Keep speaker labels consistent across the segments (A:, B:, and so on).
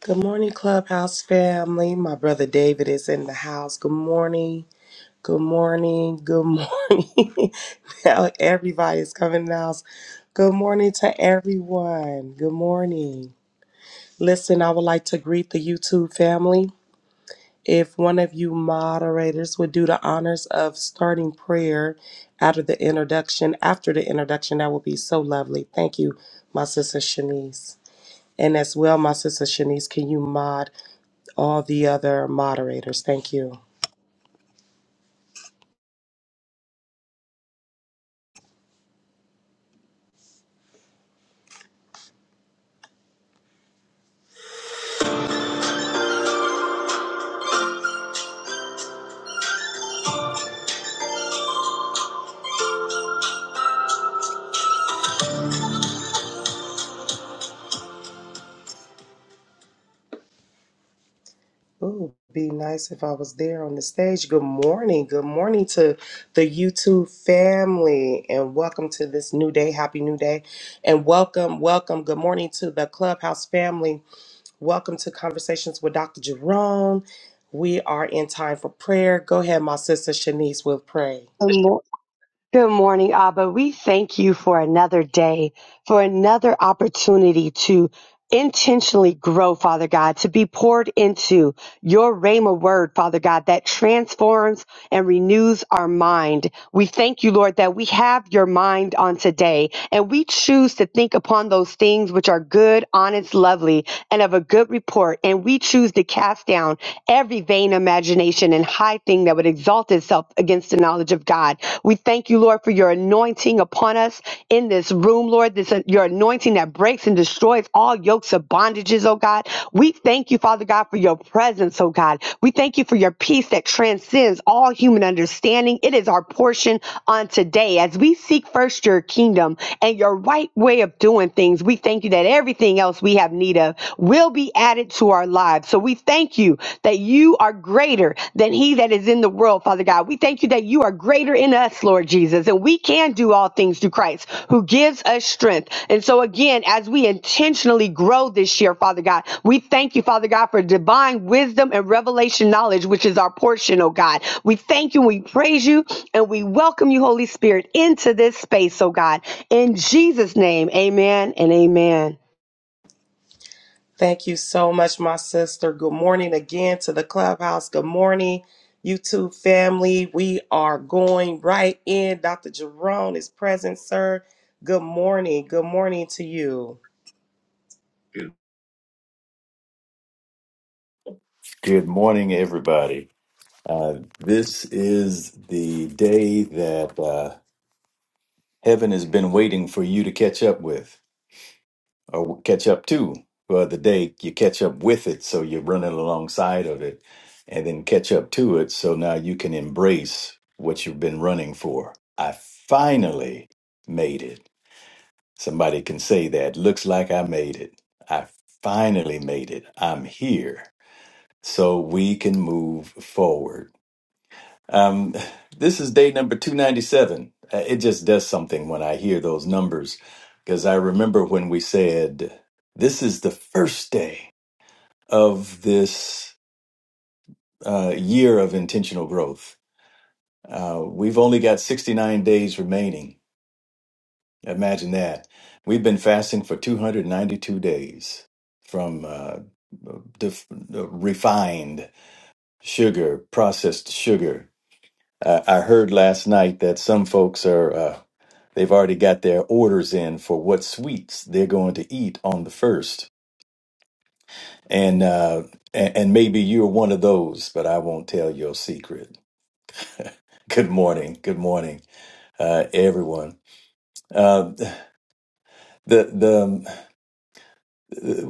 A: Good morning, Clubhouse family. My brother David is in the house. Good morning. Good morning. Good morning. now everybody is coming in the house. Good morning to everyone. Good morning. Listen, I would like to greet the YouTube family. If one of you moderators would do the honors of starting prayer after the introduction, after the introduction, that would be so lovely. Thank you, my sister Shanice. And as well, my sister Shanice, can you mod? all the other moderators. Thank you. Ooh, be nice if I was there on the stage. Good morning. Good morning to the YouTube family and welcome to this new day. Happy new day. And welcome, welcome. Good morning to the Clubhouse family. Welcome to Conversations with Dr. Jerome. We are in time for prayer. Go ahead, my sister Shanice, with praise.
B: Good, mor- good morning, Abba. We thank you for another day, for another opportunity to intentionally grow, Father God, to be poured into your Rhema word, Father God, that transforms and renews our mind. We thank you, Lord, that we have your mind on today and we choose to think upon those things which are good, honest, lovely and of a good report, and we choose to cast down every vain imagination and high thing that would exalt itself against the knowledge of God. We thank you, Lord, for your anointing upon us in this room, Lord, this uh, your anointing that breaks and destroys all yokes of bondages, oh God. We thank you, Father God, for your presence, oh God. We thank you for your peace that transcends all human understanding. It is our portion on today. As we seek first your kingdom and your right way of doing things, we thank you that everything else we we have need of will be added to our lives. So we thank you that you are greater than he that is in the world, Father God. We thank you that you are greater in us, Lord Jesus, and we can do all things through Christ who gives us strength. And so again, as we intentionally grow this year, Father God, we thank you, Father God, for divine wisdom and revelation knowledge, which is our portion, oh God. We thank you, we praise you, and we welcome you, Holy Spirit, into this space, oh God. In Jesus' name, amen and amen.
A: Thank you so much, my sister. Good morning again to the clubhouse. Good morning, YouTube family. We are going right in. Dr. Jerome is present, sir. Good morning. Good morning to you.
C: Good morning, everybody. Uh, this is the day that uh, heaven has been waiting for you to catch up with or catch up to. Well, the day you catch up with it, so you're running alongside of it, and then catch up to it, so now you can embrace what you've been running for. I finally made it. Somebody can say that. Looks like I made it. I finally made it. I'm here. So we can move forward Um, this is day number 297. Uh, It just does something when I hear those numbers because I remember when we said, This is the first day of this uh, year of intentional growth. Uh, we've only got 69 days remaining. Imagine that. We've been fasting for 292 days from uh, def- uh, refined sugar, processed sugar. I I heard last night that some folks are. uh, They've already got their orders in for what sweets they're going to eat on the first. And uh and, and maybe you're one of those, but I won't tell your secret. Good morning. Good morning, uh everyone. Uh the the um,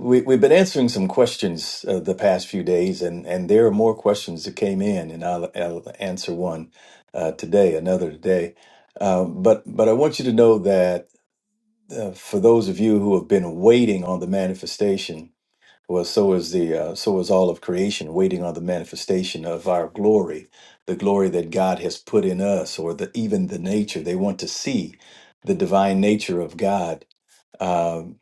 C: we we've been answering some questions uh, the past few days and and there are more questions that came in and I'll, I'll answer one uh today, another today. Um, but but I want you to know that uh, for those of you who have been waiting on the manifestation Well, so is the uh, so is all of creation waiting on the manifestation of our glory, the glory that God has put in us, or the even the nature they want to see, the divine nature of God um,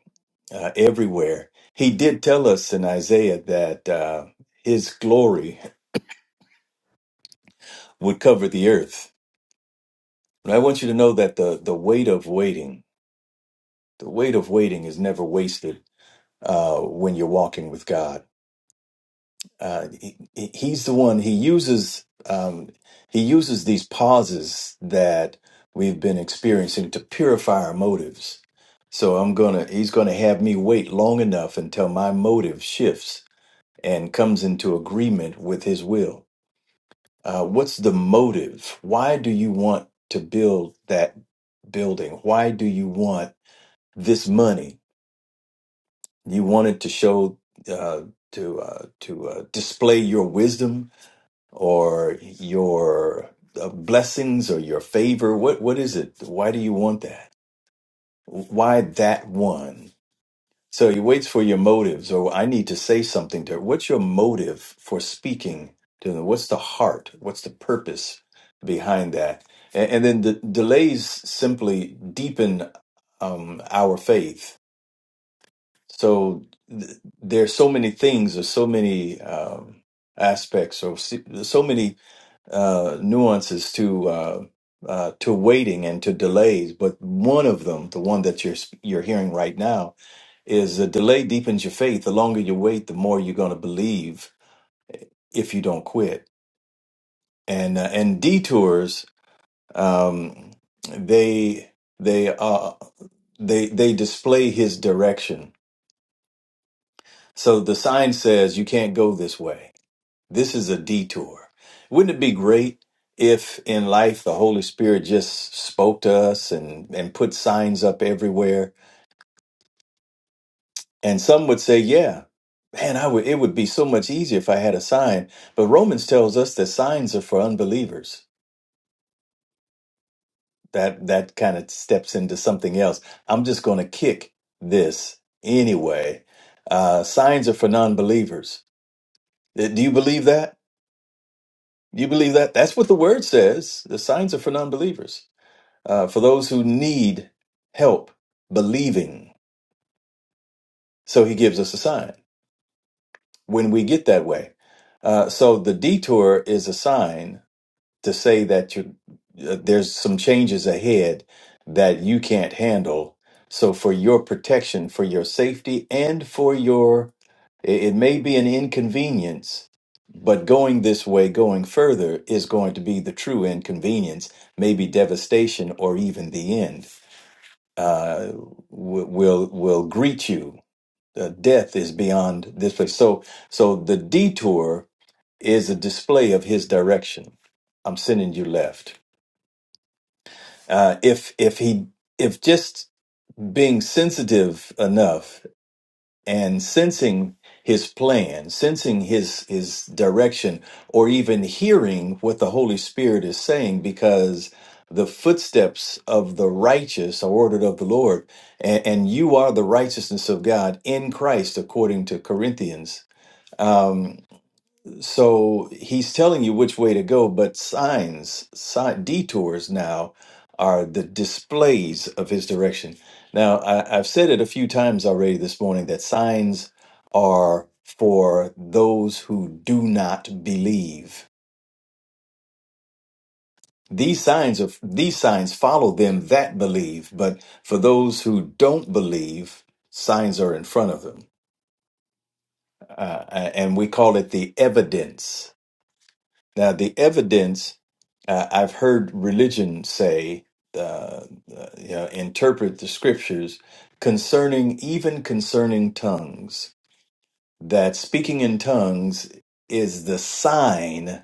C: uh, everywhere. He did tell us in Isaiah that uh, His glory would cover the earth. And I want you to know that the the weight of waiting, the weight of waiting, is never wasted uh, when you're walking with God uh, he, he- he's the one he uses um, he uses these pauses that we've been experiencing to purify our motives so i'm gonna he's gonna have me wait long enough until my motive shifts and comes into agreement with his will uh, what's the motive why do you want to build that building why do you want this money you want it to show uh, to uh, to uh, display your wisdom or your uh, blessings or your favor? What what is it? Why do you want that? Why that one? So he waits for your motives, or I need to say something to her. What's your motive for speaking to them? What's the heart? What's the purpose behind that? And, and then the delays simply deepen um, our faith. So th- there are so many things, or so many um, aspects, or so si, so many uh, nuances to uh, uh, to waiting and to delays, but one of them, the one that you're you're hearing right now, is the delay deepens your faith. The longer you wait, the more you're going to believe if you don't quit. And uh, and detours, um, they they uh, they they display his direction. So the sign says you can't go this way This is a detour. Wouldn't it be great if in life the Holy Spirit just spoke to us and, and put signs up everywhere? And some would say, yeah, man, I would, it would be so much easier if I had a sign. But Romans tells us that signs are for unbelievers. That, that kind of steps into something else. I'm just going to kick this anyway. Uh, signs are for non believers. Do you believe that? Do you believe that? That's what the word says. The signs are for non believers. uh, for those who need help believing. So he gives us a sign when we get that way. Uh, so the detour is a sign to say that you uh, there's some changes ahead that you can't handle. So for your protection, for your safety, and for your, it, it may be an inconvenience, but going this way, going further, is going to be the true inconvenience, maybe devastation or even the end. uh, w- will will greet you. Uh, death is beyond this place. So so the detour is a display of his direction. I'm sending you left. Uh, if if he if just being sensitive enough and sensing his plan, sensing his his direction, or even hearing what the Holy Spirit is saying, because the footsteps of the righteous are ordered of the Lord, and, and you are the righteousness of God in Christ, according to Corinthians. Um, so he's telling you which way to go, but signs, sign, detours now are the displays of his direction. Now, I, I've said it a few times already this morning that signs are for those who do not believe. These signs of these signs follow them that believe, but for those who don't believe, signs are in front of them, uh, uh, and we call it the evidence Now, the evidence uh, I've heard religion say, uh, uh, you know, interpret the scriptures concerning even concerning tongues, that speaking in tongues is the sign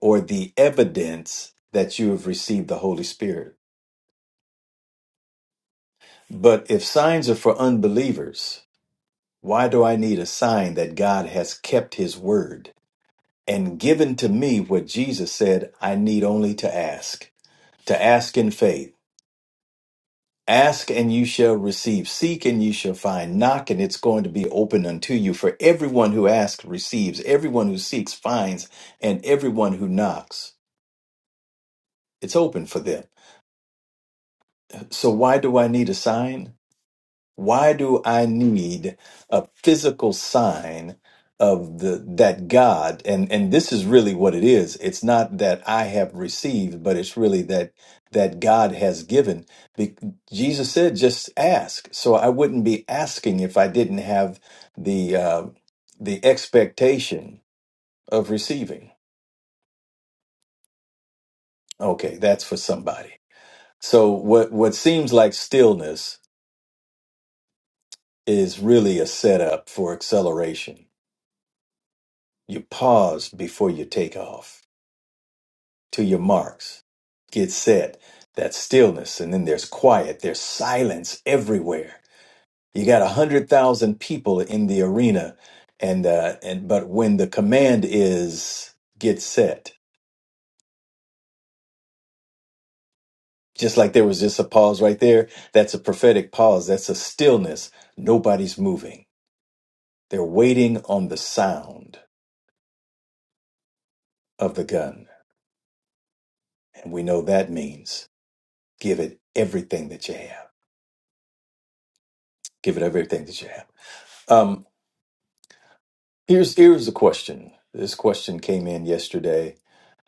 C: or the evidence that you have received the Holy Spirit. But if signs are for unbelievers, why do I need a sign that God has kept his word and given to me what Jesus said I need only to ask? To ask in faith Ask and you shall receive. Seek and you shall find. Knock and it's going to be open unto you. For everyone who asks receives. Everyone who seeks finds. And everyone who knocks, it's open for them. So why do I need a sign? Why do I need a physical sign of the that God and and this is really what it is. It's not that I have received, but it's really that that God has given. Be- Jesus said, "Just ask." So I wouldn't be asking if I didn't have the uh, the expectation of receiving. Okay, that's for somebody. So what what seems like stillness is really a setup for acceleration You pause before you take off. To your marks. Get set. That stillness. And then there's quiet. There's silence everywhere. You got a hundred thousand people in the arena. And, uh, and, but when the command is get set, just like there was just a pause right there, that's a prophetic pause. That's a stillness. Nobody's moving. They're waiting on the sound of the gun. And we know that means give it everything that you have. Give it everything that you have. Um, here's here's the question. This question came in yesterday,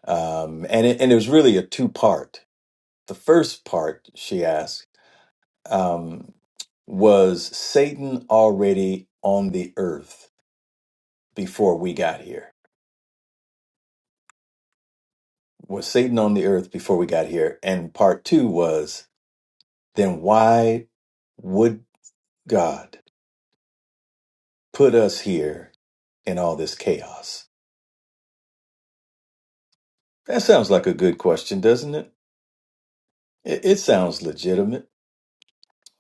C: um, and it, and it was really a two part. The first part she asked um, was Satan already on the earth before we got here? Was Satan on the earth before we got here? And part two was then why would God put us here in all this chaos? That sounds like a good question, doesn't it? It, it sounds legitimate.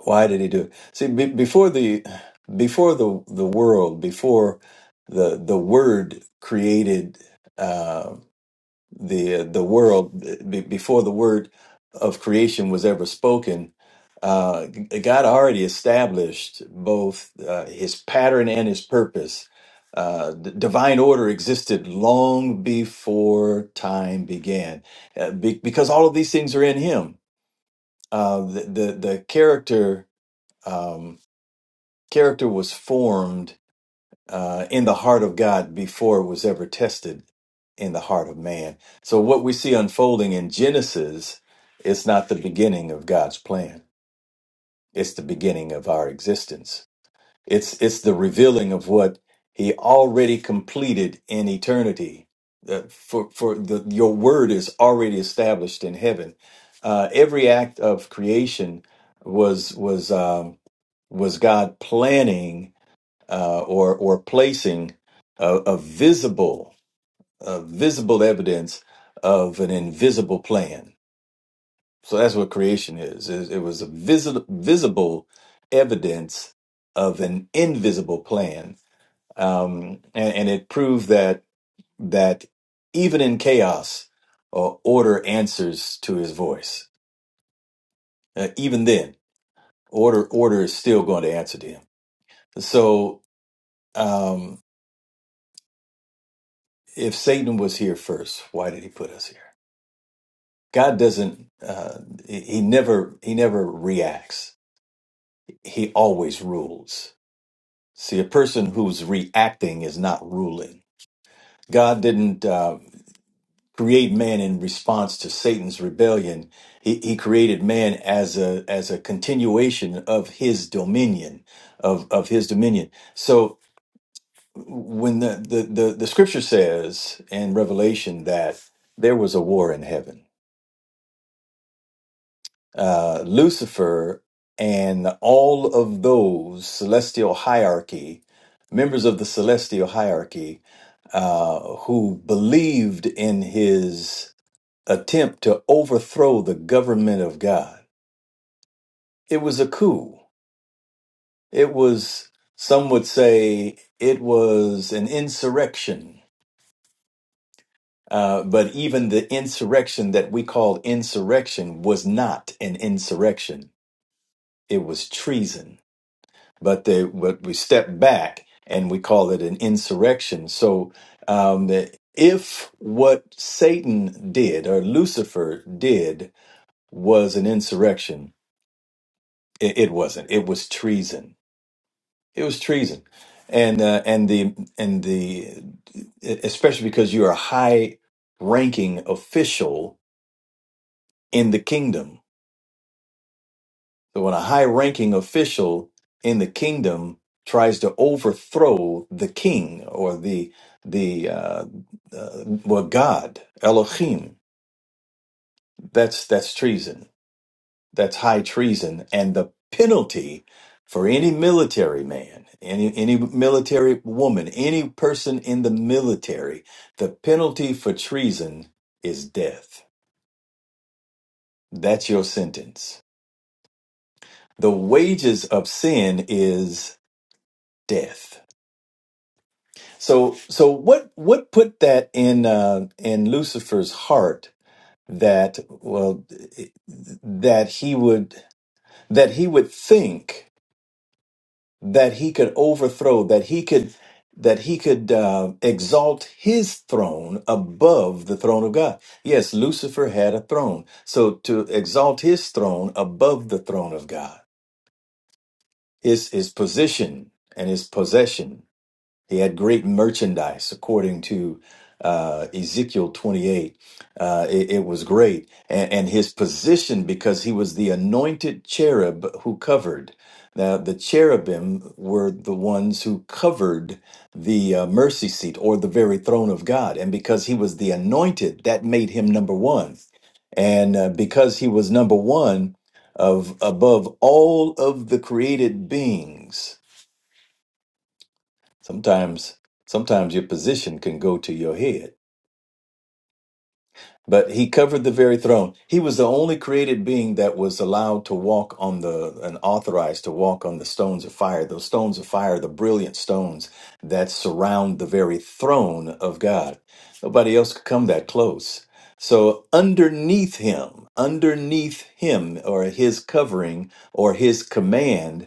C: Why did he do it? See, be, before the before the the world, before the the word created uh, the the world, be, before the word of creation was ever spoken, uh, God already established both uh, His pattern and His purpose. Uh, d- divine order existed long before time began, uh, be- because all of these things are in Him. Uh, the, the the character. Um, Character was formed uh, in the heart of God before it was ever tested in the heart of man. So what we see unfolding in Genesis is not the beginning of God's plan. It's the beginning of our existence. It's it's the revealing of what He already completed in eternity. The- for for the, your word is already established in heaven. Uh, every act of creation was was um, was God planning uh, or or placing a, a visible a visible evidence of an invisible plan. So that's what creation is. It, it was a visi- visible evidence of an invisible plan, um, and, and it proved that that even in chaos, uh, order answers to his voice. Uh, even then, order order is still going to answer to him. So um, if Satan was here first, why did he put us here? God doesn't. Uh, he never. He never reacts. He always rules. See, a person who's reacting is not ruling. God didn't uh, create man in response to Satan's rebellion. He, he created man as a as a continuation of his dominion, of of his dominion. So when the the the, the scripture says in Revelation that there was a war in heaven uh, Lucifer and all of those celestial hierarchy, members of the celestial hierarchy, uh, who believed in his attempt to overthrow the government of God. It was a coup. It was, some would say, it was an insurrection. Uh, but even the insurrection that we call insurrection was not an insurrection. It was treason but they but we step back and we call it an insurrection. So um, if what Satan did or Lucifer did was an insurrection, it, it wasn't. It was treason. It was treason, and uh, and the and the especially because you're a high ranking official in the kingdom So when a high ranking official in the kingdom tries to overthrow the king or the the uh, uh, well God Elohim, that's that's treason. That's high treason, and the penalty for any military man, any any military woman, any person in the military, the penalty for treason is death. That's your sentence. The wages of sin is death So so what what put that in uh, in Lucifer's heart that well that he would that he would think that he could overthrow that he could that he could uh, exalt his throne above the throne of God. Yes, Lucifer had a throne. So to exalt his throne above the throne of God is his position and his possession. He had great merchandise, according to uh, Ezekiel 28. Uh, it, it was great. And, and his position, because he was the anointed cherub who covered. Now, the cherubim were the ones who covered the uh, mercy seat or the very throne of God. And because he was the anointed, that made him number one. And uh, because he was number one of above all of the created beings, Sometimes, sometimes your position can go to your head. But he covered the very throne. He was the only created being that was allowed to walk on the and authorized to walk on the stones of fire. Those stones of fire, the brilliant stones that surround the very throne of God. Nobody else could come that close. So underneath him, underneath him or his covering or his command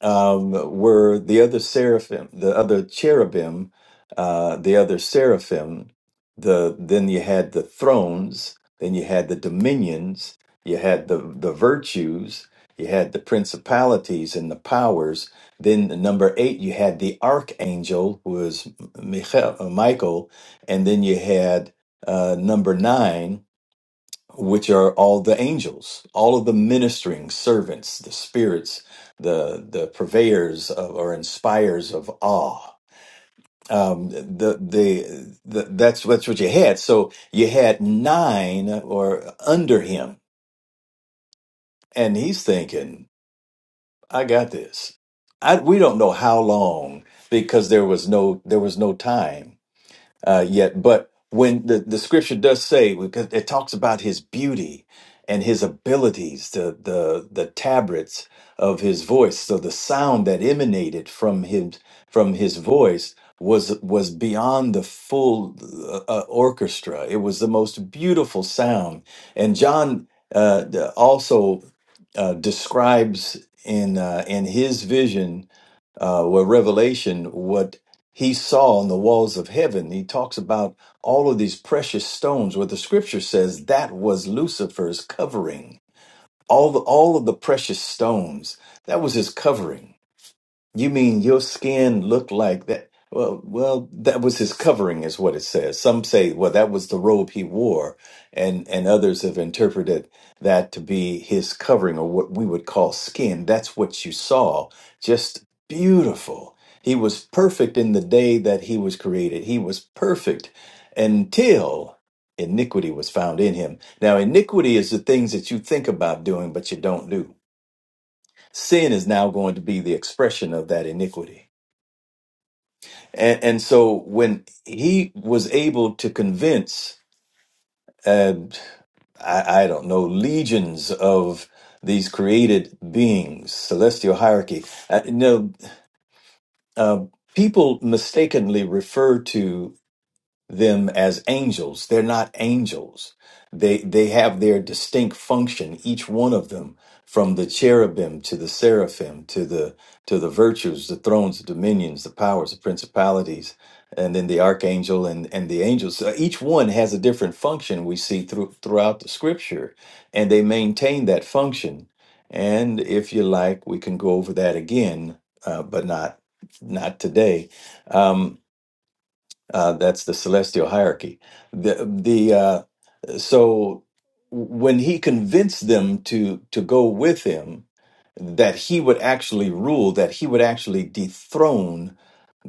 C: um, were the other seraphim, the other cherubim, uh, the other seraphim. The then you had the thrones, then you had the dominions, you had the the virtues, you had the principalities and the powers. Then the number eight, you had the archangel who was Michael, Michael and then you had uh, number nine which are all the angels, all of the ministering servants, the spirits, the the purveyors of, or inspires of awe. Um, the, the the that's that's what you had. So you had nine or under him, and he's thinking, "I got this." I we don't know how long because there was no there was no time uh, yet. But when the, the scripture does say, because it talks about his beauty and his abilities, the, the, the tabrets of his voice. So the sound that emanated from him, from his voice was, was beyond the full uh, uh, orchestra. It was the most beautiful sound. And John uh, also uh, describes in, uh, in his vision, uh, where Revelation, what he saw on the walls of heaven, he talks about all of these precious stones, where the scripture says that was Lucifer's covering. All, the, all of the precious stones, that was his covering you mean your skin looked like that? Well, well, that was his covering, is what it says. Some say, well, that was the robe he wore, and and others have interpreted that to be his covering, or what we would call skin. That's what you saw, just beautiful. He was perfect in the day that he was created. He was perfect until iniquity was found in him. Now, iniquity is the things that you think about doing, but you don't do. Sin is now going to be the expression of that iniquity. And, and so when he was able to convince, uh, I, I don't know, legions of these created beings, celestial hierarchy, uh, you know, uh, people mistakenly refer to them as angels. They're not angels. They they have their distinct function, each one of them, from the cherubim to the seraphim to the to the virtues, the thrones, the dominions, the powers, the principalities, and then the archangel and and the angels. So each one has a different function. We see through throughout the scripture, and they maintain that function. And if you like, we can go over that again, uh, but not not today. Um, uh, that's the celestial hierarchy. The the uh, so when he convinced them to to go with him, that he would actually rule, that he would actually dethrone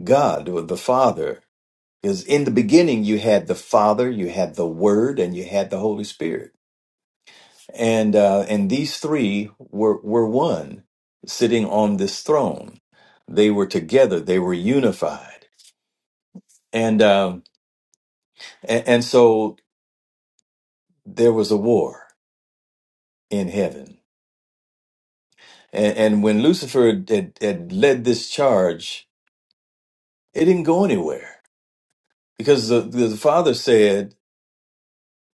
C: God or the Father. Because in the beginning, you had the Father, you had the Word, and you had the Holy Spirit, and uh, and these three were were one, sitting on this throne. They were together. They were unified, and um, and, and so there was a war in heaven. And, and when Lucifer had, had led this charge, it didn't go anywhere because the, the father said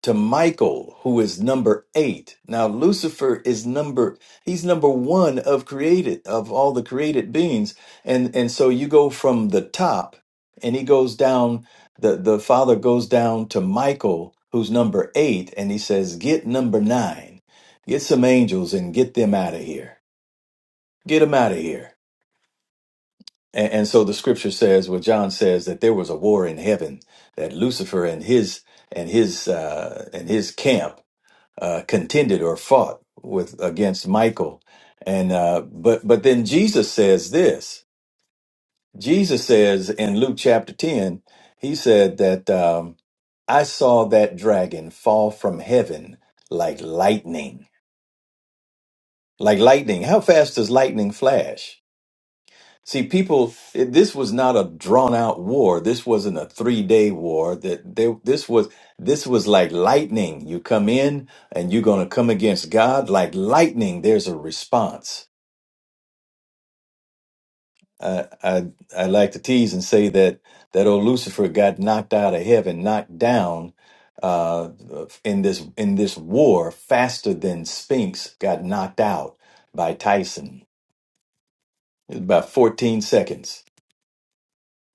C: to Michael, who is number eight. Now Lucifer is number he's number one of created of all the created beings, and and so you go from the top, and he goes down. the The father goes down to Michael, who's number eight, and he says, "Get number nine, get some angels, and get them out of here. Get them out of here." And, and so the scripture says, well, John says that there was a war in heaven that Lucifer and his and his uh, and his camp uh, contended or fought with against Michael. And uh, but but then Jesus says this. Jesus says in Luke chapter ten, he said that um, I saw that dragon fall from heaven like lightning, like lightning. How fast does lightning flash? See, people, it- this was not a drawn out war. This wasn't a three day war. That they, this was this was like lightning. You come in and you're going to come against God like lightning. There's a response. I, I I like to tease and say that that old Lucifer got knocked out of heaven, knocked down uh, in this in this war faster than Spinks got knocked out by Tyson. It was about 14 seconds.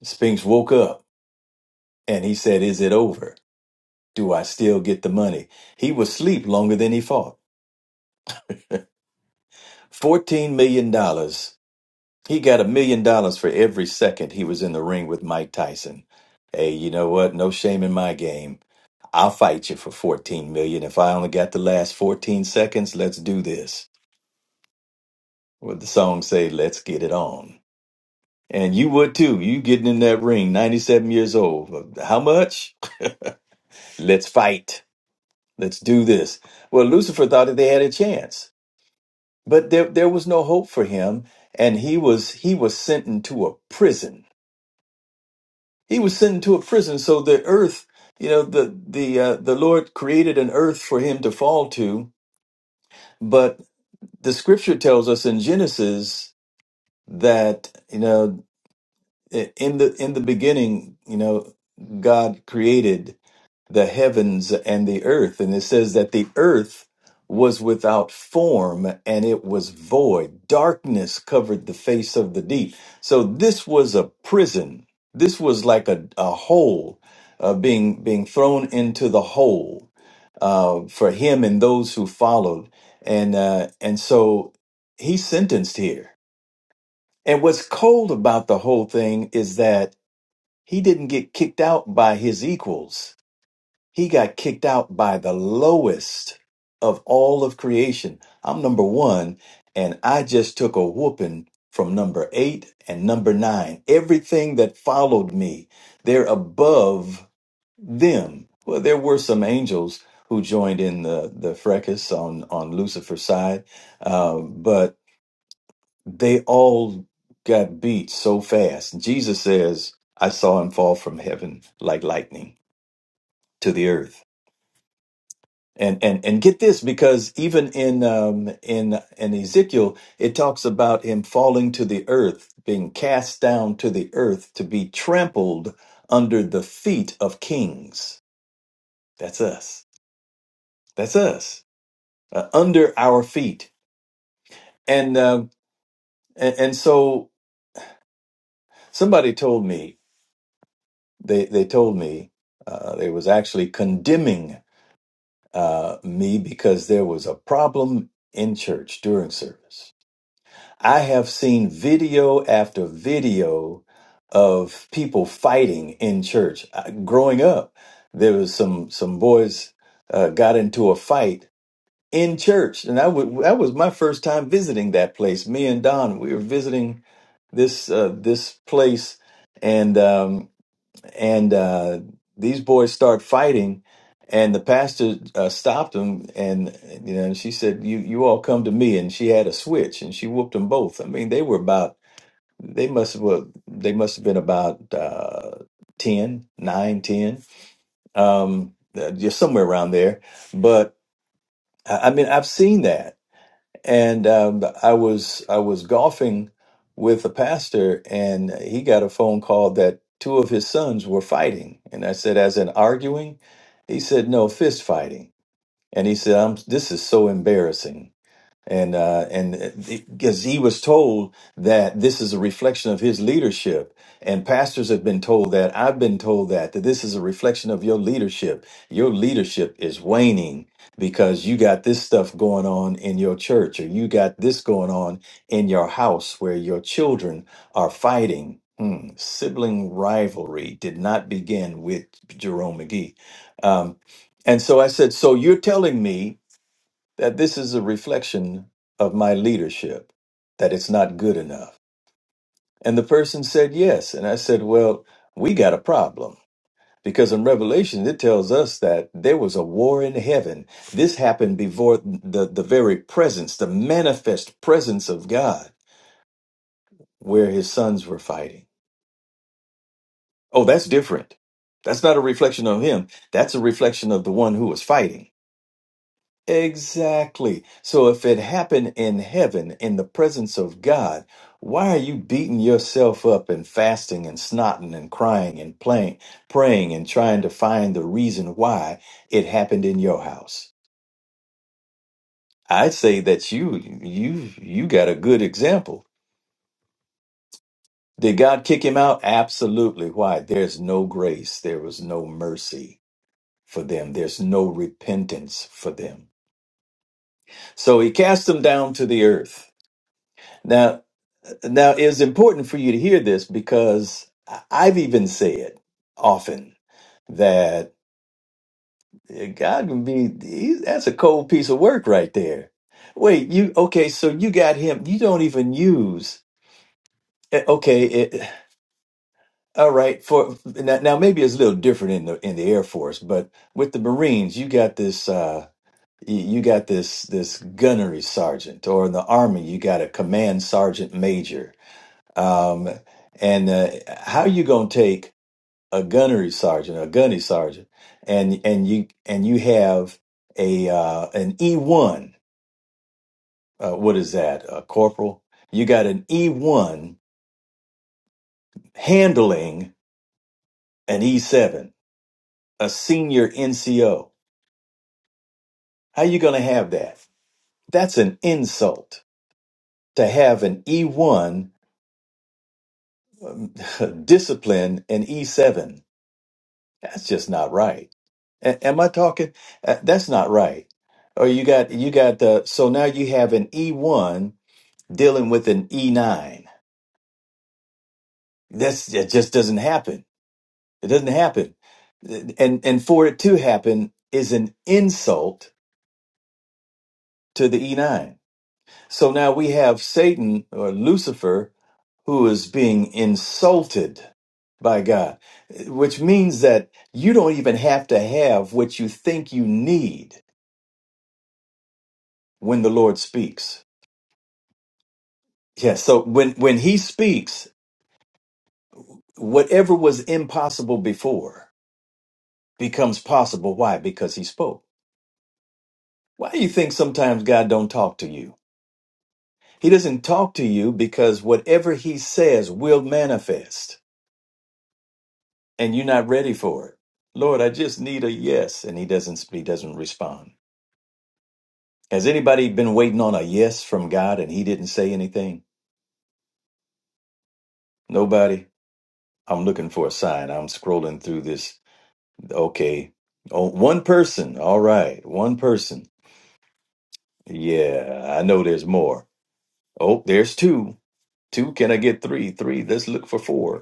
C: Spinks woke up And he said, Is it over? Do I still get the money? He was asleep longer than he fought. $14 million. dollars. He got a million dollars for every second he was in the ring with Mike Tyson. Hey, you know what? No shame in my game. I'll fight you for 14 million. If I only got the last 14 seconds, let's do this. What the song say, let's get it on. And you would too. You getting in that ring, 97 years old. Well, How much? Let's fight. Let's do this. Well, Lucifer thought that they had a chance. but there there was no hope for him and he was he was sent into a prison he was sent into a prison so the earth you know the the uh, the lord created an earth for him to fall to but the scripture tells us in genesis that you know in the in the beginning you know god created the heavens and the earth. And it says that the earth was without form and it was void. Darkness covered the face of the deep. So this was a prison. This was like a, a hole uh, being being thrown into the hole uh, for him and those who followed. And uh, and so he's sentenced here. And what's cold about the whole thing is that he didn't get kicked out by his equals he got kicked out by the lowest of all of creation. I'm number one, and I just took a whooping from number eight and number nine. Everything that followed me, they're above them. Well, there were some angels who joined in the, the fracas on, on Lucifer's side, um, but they all got beat so fast. Jesus says, I saw him fall from heaven like lightning to the earth. and and and get this because even in um in in Ezekiel it talks about him falling to the earth being cast down to the earth to be trampled under the feet of kings that's us that's us uh, under our feet and um and, and so somebody told me they they told me uh, they was actually condemning uh, me because there was a problem in church during service I have seen video after video of people fighting in church. I- Growing up, there was some some boys uh, got into a fight in church, and I would that was my first time visiting that place. Me and Don, we were visiting this uh, this place, and um, and uh, these boys start fighting and the pastor uh, stopped them and you know and she said you you all come to me and she had a switch and she whooped them both i mean they were about they must have well, they must have been about uh 10 nine, ten, um uh, just somewhere around there but i I mean i've seen that and um, I was I was golfing with a pastor, and he got a phone call that two of his sons were fighting, and I said, "As in arguing?" He said, "No, fist fighting." And he said, "I'm this is so embarrassing." and uh, and because he was told that this is a reflection of his leadership, and pastors have been told that I've been told that that this is a reflection of your leadership. Your leadership is waning because you got this stuff going on in your church, or you got this going on in your house where your children are fighting. Hmm, Sibling rivalry did not begin with Jerome McGee. Um, and so I said, So you're telling me that this is a reflection of my leadership, that it's not good enough. And the person said yes. And I said, Well, we got a problem. Because in Revelation, it tells us that there was a war in heaven. This happened before the, the very presence, the manifest presence of God, where his sons were fighting. Oh, that's different. That's not a reflection of him. That's a reflection of the one who was fighting. Exactly. So if it happened in heaven in the presence of God, why are you beating yourself up and fasting and snotting and crying and playing, praying and trying to find the reason why it happened in your house? I'd say that you you you got a good example. Did God kick him out? Absolutely. Why? There's no grace. There was no mercy for them. There's no repentance for them. So he cast them down to the earth. Now. Now, it's important for you to hear this because I- I've even said often that eh, God can be, he- that's a cold piece of work right there. Wait, you, okay, so you got him, you don't even use, eh, okay, it, all right, for, now, now maybe it's a little different in the, in the Air Force, but with the Marines, you got this, uh, y- you got this this gunnery sergeant, or in the army, you got a command sergeant major. Um, and uh, how you gonna take? a gunnery sergeant, a gunny sergeant, and and you and you have a uh, an E one. Uh, what is that, a corporal? You got an E one handling an E seven, a senior NCO. How you going to have that? That's an insult to have an E one um, discipline an E seven. That's just not right. A- am I talking? Uh, that's not right. Or you got you got uh, so now you have an E1 dealing with an E9. That's it just doesn't happen. It doesn't happen. And and for it to happen is an insult to the E9. So now we have Satan or Lucifer who is being insulted by God, which means that you don't even have to have what you think you need when the Lord speaks. Yeah, so when when he speaks, whatever was impossible before becomes possible. Why? Because he spoke. Why do you think sometimes God don't talk to you? He doesn't talk to you because whatever he says will manifest and you're not ready for it. Lord, I just need a yes and he doesn't he doesn't respond. Has anybody been waiting on a yes from God and he didn't say anything? Nobody. I'm looking for a sign. I'm scrolling through this. Okay. Oh, one person. All right. One person. Yeah, I know there's more. Oh, there's two. Two. Can I get three? Three. Let's look for four.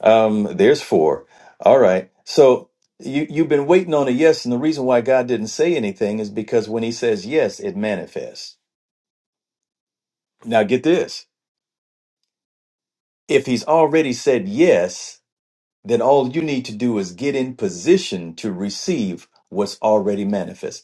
C: Um, there's four. All right. So you you've been waiting on a yes, and the reason why God didn't say anything is because when He says yes, it manifests. Now get this: if He's already said yes, then all you need to do is get in position to receive what's already manifested.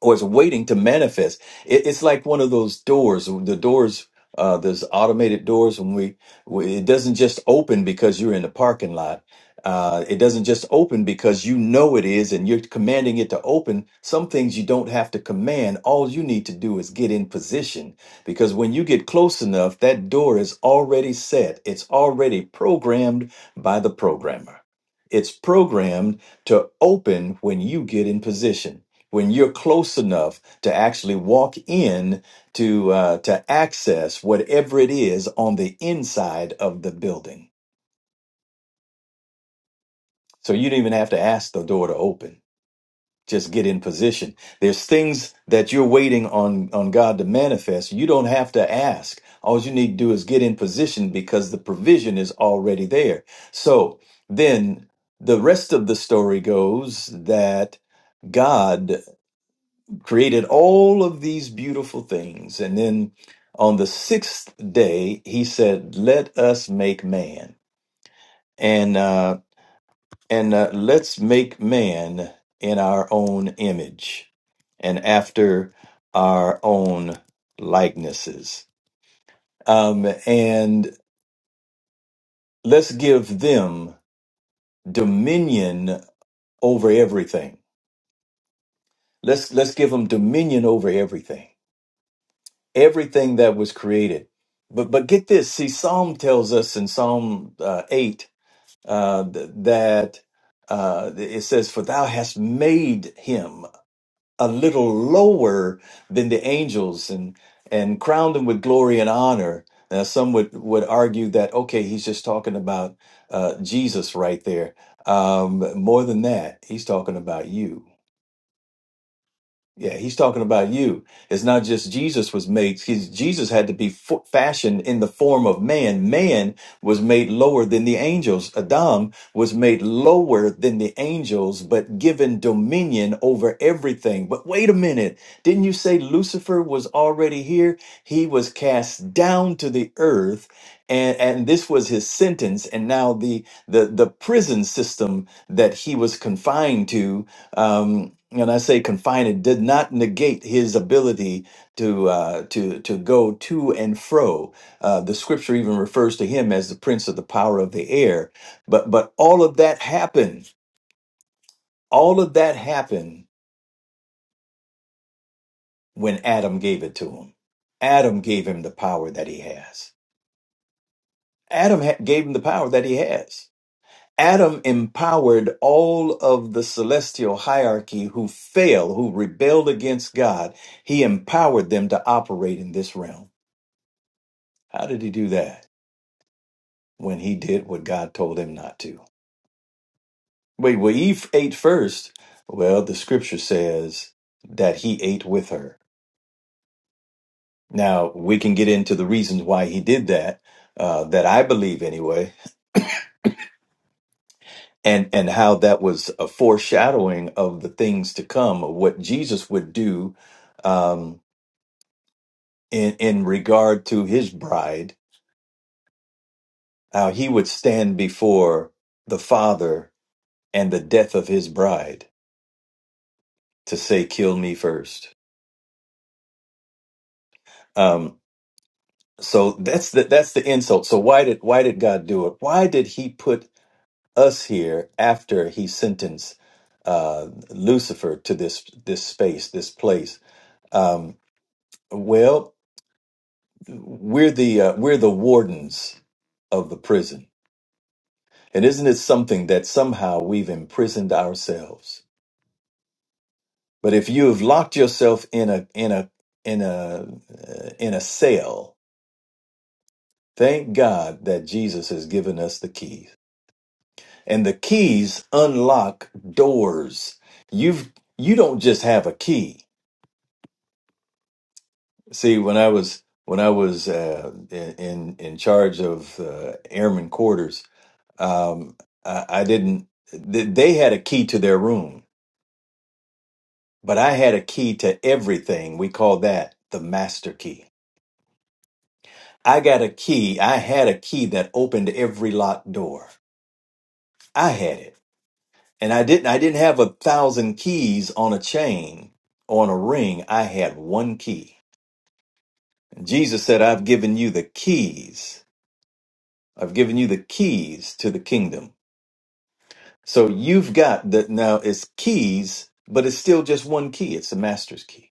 C: or it's waiting to manifest. It, it's like one of those doors, the doors, uh, there's automated doors when we, we, it doesn't just open because you're in the parking lot. Uh, it doesn't just open because you know it is and you're commanding it to open. Some things you don't have to command. All you need to do is get in position because when you get close enough, that door is already set. It's already programmed by the programmer. It's programmed to open when you get in position when you're close enough to actually walk in to uh, to access whatever it is on the inside of the building. So you don't even have to ask the door to open. Just get in position. There's things that you're waiting on on God to manifest. You don't have to ask. All you need to do is get in position because the provision is already there. So then the rest of the story goes that God. created all of these beautiful things. And then on the sixth day, he said, Let us make man. And, uh, and uh, let's make man in our own image and after our own likenesses. Um, and let's give them dominion over everything. Let's, let's give them dominion over everything everything that was created. But but get this, see, Psalm tells us in Psalm uh, eight uh, th- that uh, it says, "For Thou hast made him a little lower than the angels, and and crowned him with glory and honor." Now, some would would argue that okay, he's just talking about uh, Jesus right there. Um, more than that, he's talking about you. Yeah, he's talking about you. It's not just Jesus was made. He's, Jesus had to be fo- fashioned in the form of man. Man was made lower than the angels. Adam was made lower than the angels, but given dominion over everything. But wait a minute. Didn't you say Lucifer was already here? He was cast down to the earth. And, and this was his sentence. And now the, the, the prison system that he was confined to um, and I say confined, it did not negate his ability to uh, to to go to and fro. Uh, the scripture even refers to him as the prince of the power of the air. But but all of that happened. All of that happened when Adam gave it to him. Adam gave him the power that he has. Adam ha- gave him the power that he has. Adam empowered all of the celestial hierarchy who fell, who rebelled against God. He empowered them to operate in this realm. How did he do that? When he did what God told him not to. Wait, well, Eve ate first. Well, the scripture says that he ate with her. Now, we can get into the reasons why he did that, uh, that I believe anyway, and, and how that was a foreshadowing of the things to come, of what Jesus would do. Um, in, in regard to his bride, how he would stand before the Father and the death of his bride to say, "Kill me first. Um, so that's the that's the insult. So why did why did God do it? Why did He put us here after He sentenced uh, Lucifer to this this space, this place? Um, well, we're the uh, we're the wardens of the prison, and isn't it something that somehow we've imprisoned ourselves? But if you've locked yourself in a in a in a uh, in a cell, thank God that Jesus has given us the keys. And the keys unlock doors. You've you don't just have a key. See, when I was when I was uh, in in charge of uh, airman quarters, um, I, I didn't. th- They had a key to their room, but I had a key to everything. We call that the master key I got a key. I had a key that opened every locked door. I had it. And I didn't I didn't have a thousand keys on a chain or on a ring. I had one key. Jesus said, I've given you the keys. I've given you the keys to the kingdom. So you've got that now it's keys, but it's still just one key. It's the master's key.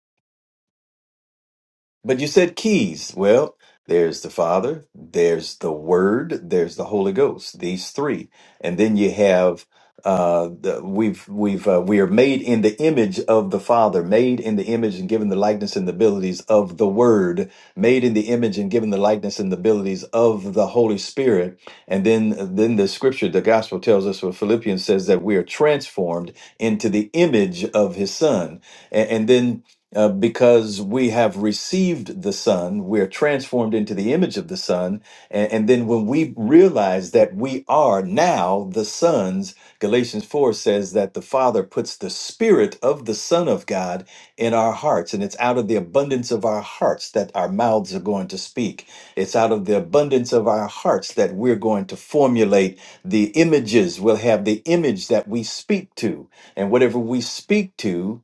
C: But you said keys. Well, there's the Father, there's the Word, there's the Holy Ghost. These three, and then you have uh, the, we've we've uh, we are made in the image of the Father, made in the image and given the likeness and the abilities of the Word, made in the image and given the likeness and the abilities of the Holy Spirit. And then then the Scripture, the Gospel tells us, what Philippians says that we are transformed into the image of His Son. A- and, then uh, because we have received the Son, we're transformed into the image of the Son. And, and then when we realize that we are now the sons, Galatians 4 says that the Father puts the Spirit of the Son of God in our hearts. And it's out of the abundance of our hearts that our mouths are going to speak. It's out of the abundance of our hearts that we're going to formulate the images. We'll have the image that we speak to. And whatever we speak to,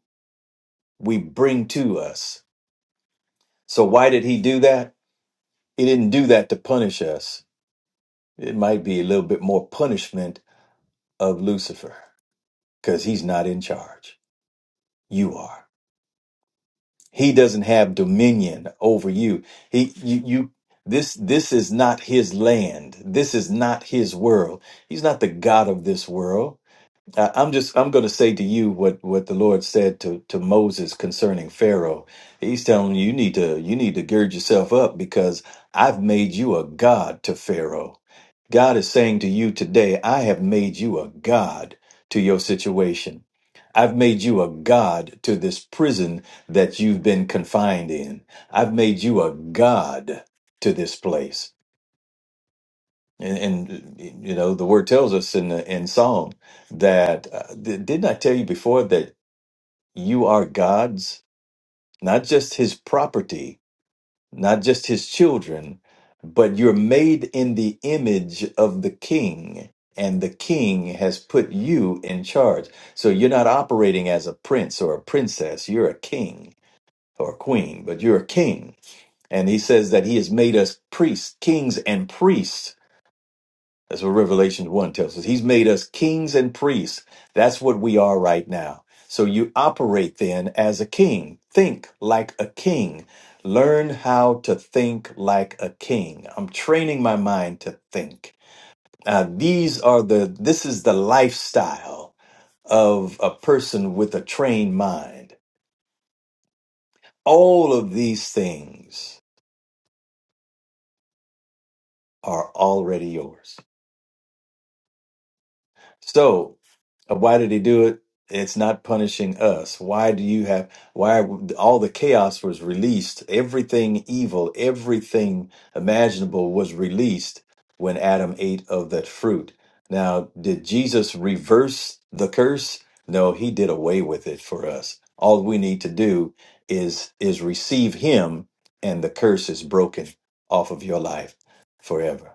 C: we bring to us. So why did he do that? He didn't do that to punish us. It might be a little bit more punishment of Lucifer because he's not in charge. You are. He doesn't have dominion over you. He you you this this is not his land. This is not his world. He's not the god of this world. I- I'm just I'm going to say to you what what the Lord said to to Moses concerning Pharaoh. He's telling you you need to you need to gird yourself up because I've made you a god to Pharaoh. God is saying to you today, I have made you a god to your situation. I've made you a god to this prison that you've been confined in. I've made you a god to this place. And, and you know, the word tells us in the, in Psalm that uh, th- didn't I tell you before that you are God's, not just His property, not just His children, but you're made in the image of the King, and the King has put you in charge. So you're not operating as a prince or a princess. You're a king or a queen, but you're a king. And He says that He has made us priests, kings, and priests That's what Revelation 1 tells us. He's made us kings and priests. That's what we are right now. So you operate then as a king. Think like a king. Learn how to think like a king. I'm training my mind to think. Uh, these are the, this is the lifestyle of a person with a trained mind. All of these things are already yours. So, uh, why did he do it? It's not punishing us. Why do you have, why all the chaos was released? Everything evil, everything imaginable was released when Adam ate of that fruit. Now, did Jesus reverse the curse? No, he did away with it for us. All we need to do is is receive him and the curse is broken off of your life forever.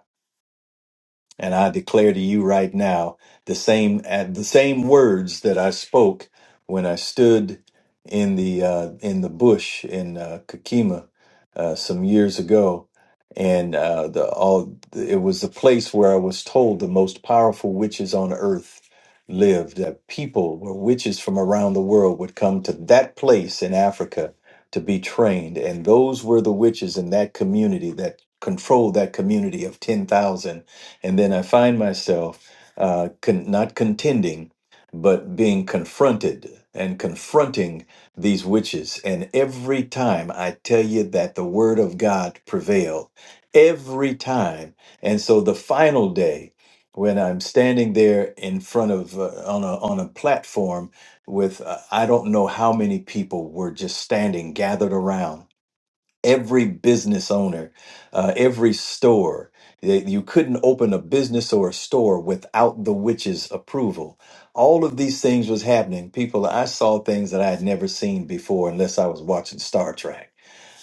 C: And I declare to you right now the same at the same words that I spoke when I stood in the uh, in the bush in uh, Kakima uh, some years ago, and uh, the all it was the place where I was told the most powerful witches on earth lived. That people were witches from around the world would come to that place in Africa to be trained, and those were the witches in that community that controlled that community of ten thousand and then I find myself uh, con- not contending, but being confronted and confronting these witches. And every time I tell you that the word of God prevailed, every time. And so the final day, when I'm standing there in front of uh, on a on a platform with uh, I don't know how many people were just standing gathered around every business owner, uh, every store. They- You couldn't open a business or a store without the witch's approval. All of these things was happening. People, I saw things that I had never seen before unless I was watching Star Trek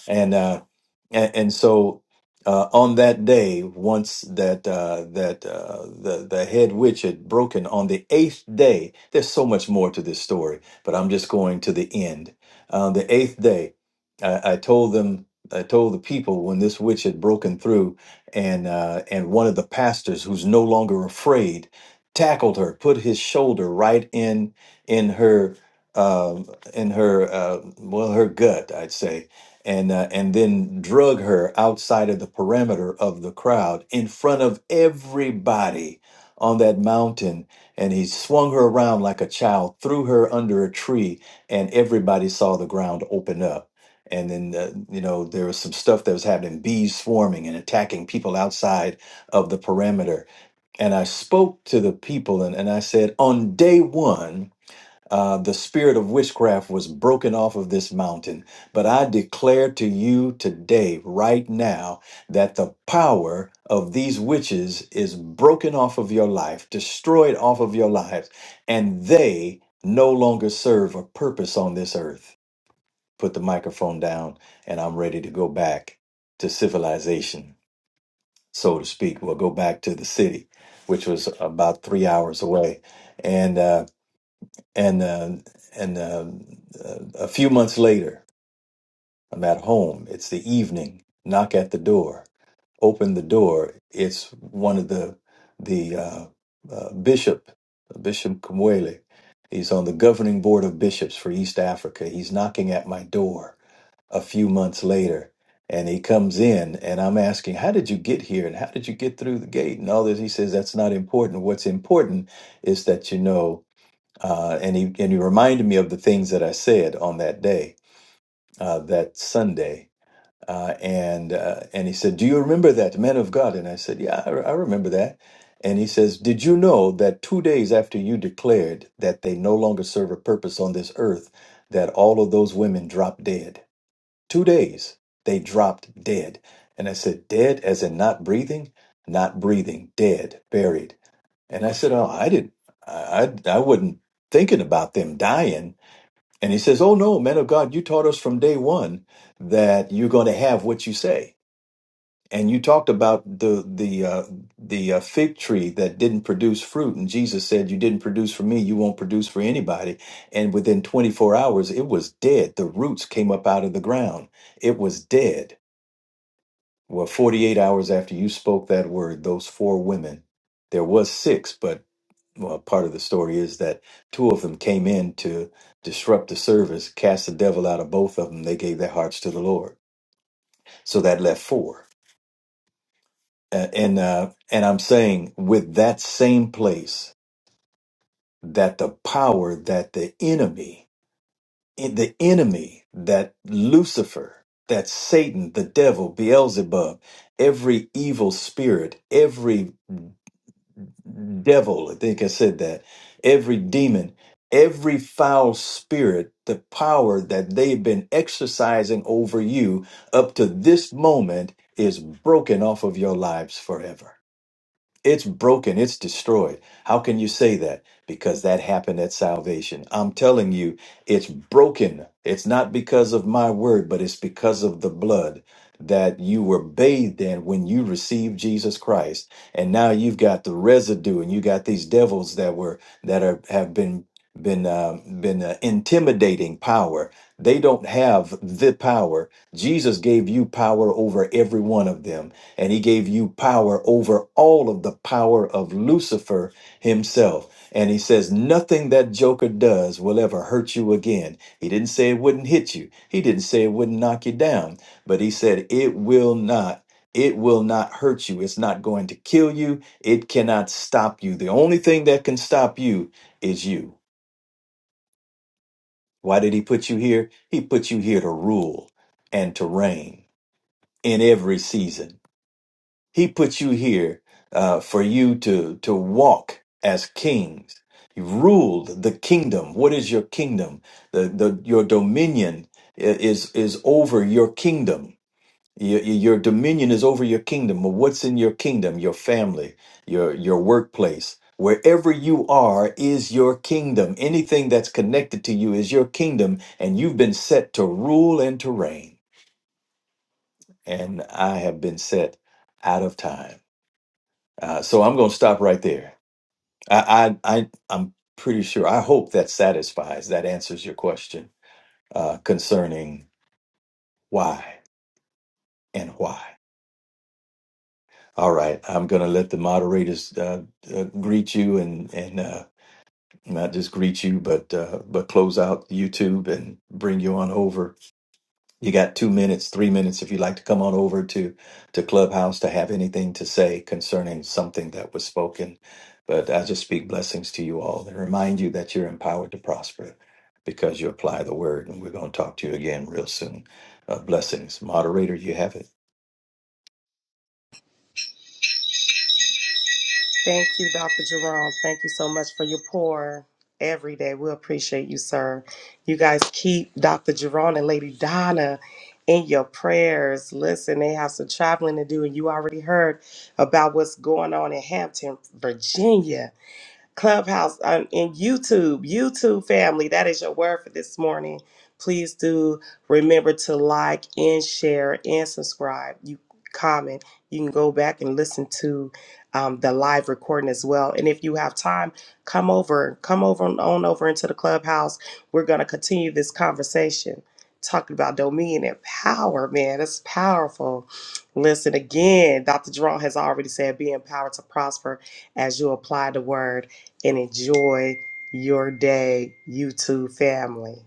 C: and uh, and, and so uh, on that day, once that uh, that uh, the the head witch had broken on the eighth day, there's so much more to this story, but I'm just going to the end. On the eighth day, I, I told them. I told the people when this witch had broken through, and uh, and one of the pastors who's no longer afraid tackled her, put his shoulder right in in her um in her uh, well her gut, I'd say, and uh, and then drug her outside of the perimeter of the crowd in front of everybody on that mountain and he swung her around like a child threw her under a tree and everybody saw the ground open up and then uh, you know there was some stuff that was happening bees swarming and attacking people outside of the perimeter and i spoke to the people and, and i said on day one uh, the spirit of witchcraft was broken off of this mountain. But I declare to you today, right now, that the power of these witches is broken off of your life, destroyed off of your lives, and they no longer serve a purpose on this earth. Put the microphone down, and I'm ready to go back to civilization, so to speak. We'll go back to the city, which was about three hours away. And, uh, and uh, and uh, a few months later, I'm at home. It's the evening. Knock at the door. Open the door. It's one of the the uh, uh, bishop, Bishop Kumwele. He's on the governing board of bishops for East Africa. He's knocking at my door a few months later, and he comes in, and I'm asking, "How did you get here? And how did you get through the gate?" And all this. He says, "That's not important. What's important is that you know." uh, and he and he reminded me of the things that I said on that day, uh, that Sunday, uh, and uh, and he said, "Do you remember that man of God?" And I said, "Yeah, I, I remember that." And he says, "Did you know that two days after you declared that they no longer serve a purpose on this earth, that all of those women dropped dead? Two days they dropped dead." And I said, "Dead as in not breathing." Not breathing, dead, buried. And I said, Oh, I didn't, I, I, I wasn't thinking about them dying. And he says, Oh, no, man of God, you taught us from day one that you're going to have what you say. And you talked about the the uh, the uh, fig tree that didn't produce fruit, and Jesus said, "You didn't produce for me, you won't produce for anybody." And within 24 hours, it was dead. The roots came up out of the ground. It was dead. Well, 48 hours after you spoke that word, those four women, there was six, but well, part of the story is that two of them came in to disrupt the service, cast the devil out of both of them. They gave their hearts to the Lord, so that left four. Uh, and uh, and I'm saying with that same place that the power that the enemy, in- the enemy that Lucifer, that Satan, the devil, Beelzebub, every evil spirit, every devil, I think I said that, every demon, every foul spirit, the power that they've been exercising over you up to this moment is broken off of your lives forever. It's broken, it's destroyed. How can you say that? Because that happened at salvation. I'm telling you, it's broken. It's not because of my word, but it's because of the blood that you were bathed in when you received Jesus Christ. And now you've got the residue and you got these devils that were that are have been been uh, been uh, intimidating power. They don't have the power. Jesus gave you power over every one of them and he gave you power over all of the power of Lucifer himself. And he says, nothing that Joker does will ever hurt you again. He didn't say it wouldn't hit you, he didn't say it wouldn't knock you down, but he said, it will not. It will not hurt you. It's not going to kill you. It cannot stop you. The only thing that can stop you is you. Why did he put you here? He put you here to rule and to reign in every season He put you here uh, for you to to walk as kings. You ruled the kingdom. What is your kingdom? The, the your dominion i- is is over your kingdom. Your, your dominion is over your kingdom. Well, what's in your kingdom? Your family, your your workplace, wherever you are is your kingdom. Anything that's connected to you is your kingdom, and you've been set to rule and to reign. And I have been set out of time. Uh, so I'm going to stop right there. I, I, I, I'm pretty sure. I hope that satisfies, that answers your question uh, concerning why and why. All right, I'm going to let the moderators uh, uh, greet you and and uh, not just greet you, but uh, but close out YouTube and bring you on over You got two minutes, three minutes if you'd like to come on over to, to Clubhouse to have anything to say concerning something that was spoken. But I just speak blessings to you all and remind you that you're empowered to prosper because you apply the word. And we're going to talk to you again real soon. Uh, blessings. Moderator, you have it.
A: Thank you, Dr. Jerome. Thank you so much for your pour every day. We appreciate you, sir. You guys keep Dr. Jerome and Lady Donna in your prayers. Listen, they have some traveling to do, and you already heard about what's going on in Hampton, Virginia Clubhouse, um, and YouTube. YouTube family, that is your word for this morning. Please do remember to like and share and subscribe. You comment. You can go back and listen to um, the live recording as well. And if you have time, come over. Come over and on over into the clubhouse. We're going to continue this conversation talking about dominion and power, man. That's powerful. Listen again, Dr. Jerome has already said be empowered to prosper as you apply the word and enjoy your day, YouTube family.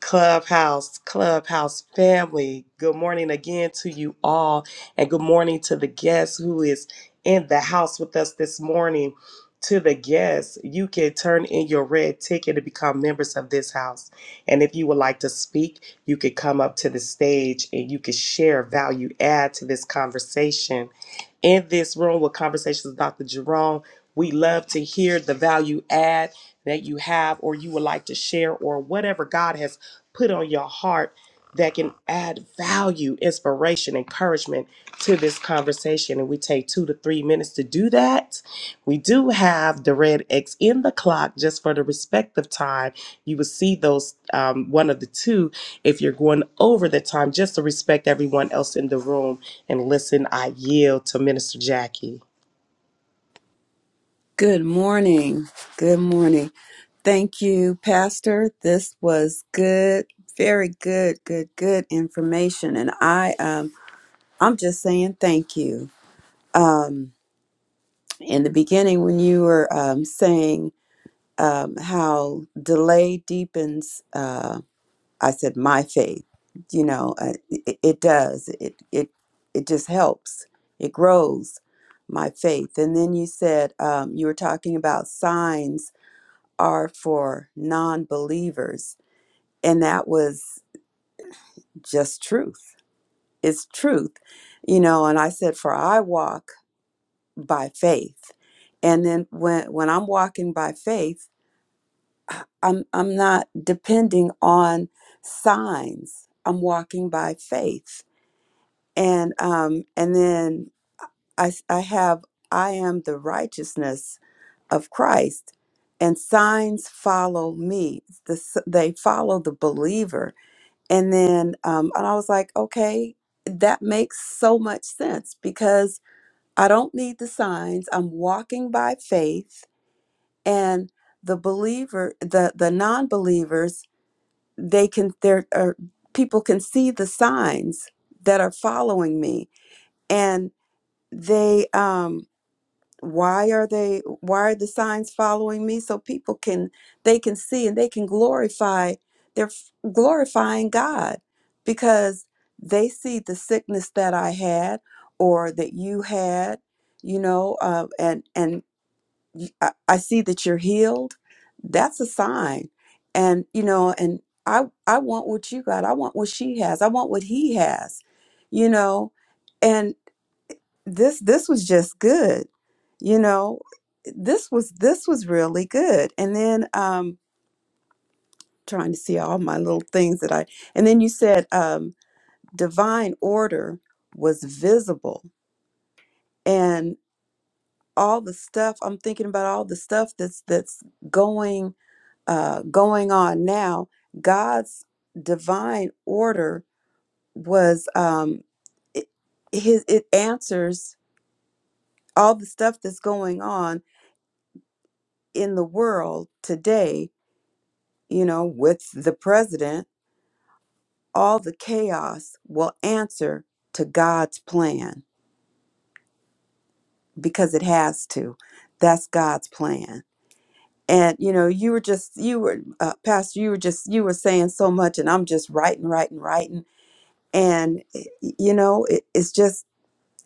A: Clubhouse, Clubhouse family, good morning again to you all, and good morning to the guest who is in the house with us this morning. To the guests, you can turn in your red ticket to become members of this house. And if you would like to speak, you could come up to the stage and you could share value, add to this conversation. In this room with Conversations with Dr. Jerome, we love to hear the value add that you have or you would like to share or whatever God has put on your heart that can add value, inspiration, encouragement to this conversation. And we take two to three minutes to do that. We do have the red X in the clock just for the respect of time. You will see those um, one of the two if you're going over the time, just to respect everyone else in the room. And listen, I yield to Minister Jackie.
D: Good morning. Good morning. Thank you, Pastor. This was good, very good, good, good information. And I um I'm just saying thank you. Um in the beginning when you were um saying um how delay deepens uh I said my faith. You know, uh, it, it does. It it it just helps. It grows my faith. And then you said um you were talking about signs are for non believers. And that was just truth. It's truth, you know. And I said, For I walk by faith. And then when, when I'm walking by faith, I'm, I'm not depending on signs, I'm walking by faith. And, um, and then I, s- I have, I am the righteousness of Christ. And signs follow me. The, s- they follow the believer And then, um, and I was like, okay, that makes so much sense because I don't need the signs. I'm walking by faith, and the believer, the the non-believers, they can there are people can see the signs that are following me, and they um why are they why are the signs following me so people can they can see and they can glorify they're f- glorifying god because they see the sickness that i had or that you had you know uh, and and I, I see that you're healed that's a sign and you know and i i want what you got i want what she has i want what he has you know and this this was just good you know this was this was really good and then um trying to see all my little things that i and then you said um divine order was visible and all the stuff i'm thinking about all the stuff that's that's going uh going on now god's divine order was um it, his it answers all the stuff that's going on in the world today, you know, with the president, all the chaos will answer to God's plan because it has to. That's God's plan. And you know, you were just you were uh, pastor, you were just you were saying so much and I'm just writing, writing, writing and eh, y- you know, it, it's just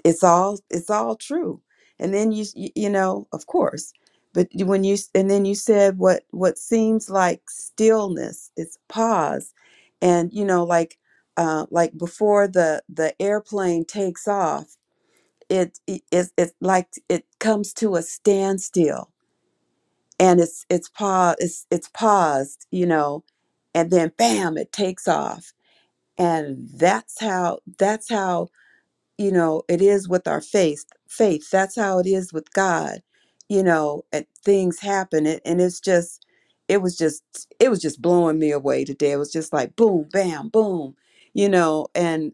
D: it's all it's all true and then you s- y- you know of course but you- when you and then you said what what seems like stillness it's pause and you know like uh like before the the airplane takes off it it it's it's like it comes to a standstill and it's it's pause it's it's paused you know and then bam it takes off and that's how that's how you know it is with our faith faith that's how it is with god you know and things happen it, and it's just it was just it was just blowing me away today it was just like boom bam boom you know and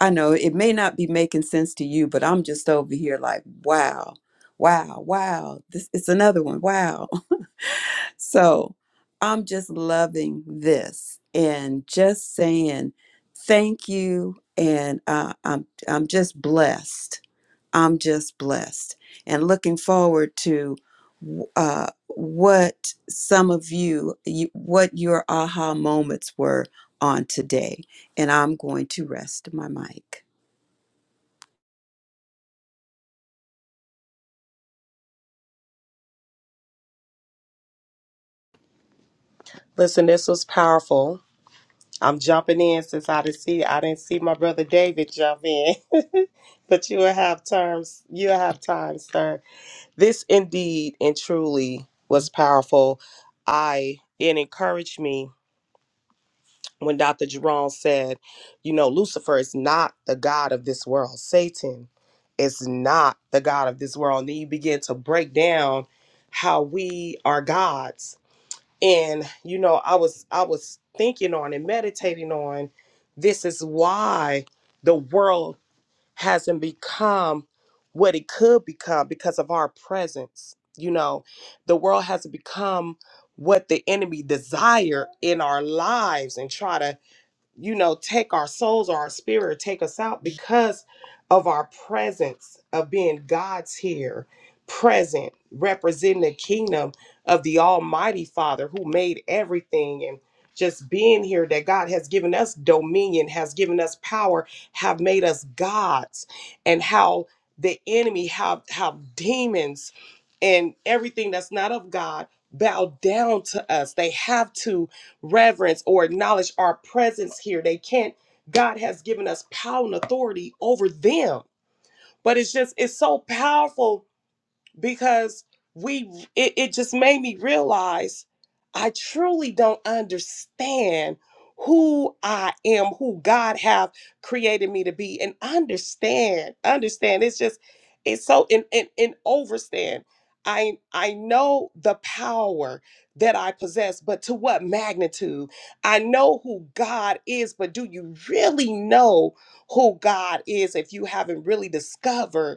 D: i know it may not be making sense to you but i'm just over here like wow wow wow this it's another one wow so i'm just loving this and just saying thank you and uh, i'm i'm just blessed I'm just blessed and looking forward to uh, what some of you, you, what your aha moments were on today. And I'm going to rest my mic.
A: Listen, this was powerful. I'm jumping in since I didn't see I didn't see my brother David jump in. but you will have terms you will have time, sir. This indeed and truly was powerful. I it encouraged me when Dr. Jerome said, you know, Lucifer is not the God of this world. Satan is not the God of this world. And then you begin to break down how we are gods and you know i was i was thinking on and meditating on this is why the world hasn't become what it could become because of our presence you know the world has not become what the enemy desire in our lives and try to you know, take our souls or our spirit, take us out because of our presence of being God's here, present, representing the kingdom of the Almighty Father who made everything and just being here that God has given us dominion, has given us power, have made us gods, and how the enemy, how how demons and everything that's not of God bow down to us. They have to reverence or acknowledge our presence here. They can't, God has given us power and authority over them. But it's just, it's so powerful because we it, it just made me realize i truly don't understand who i am who god have created me to be and understand understand it's just it's so in in, in overstand I, I know the power that I possess, but to what magnitude? I know who God is, but do you really know who God is if you haven't really discovered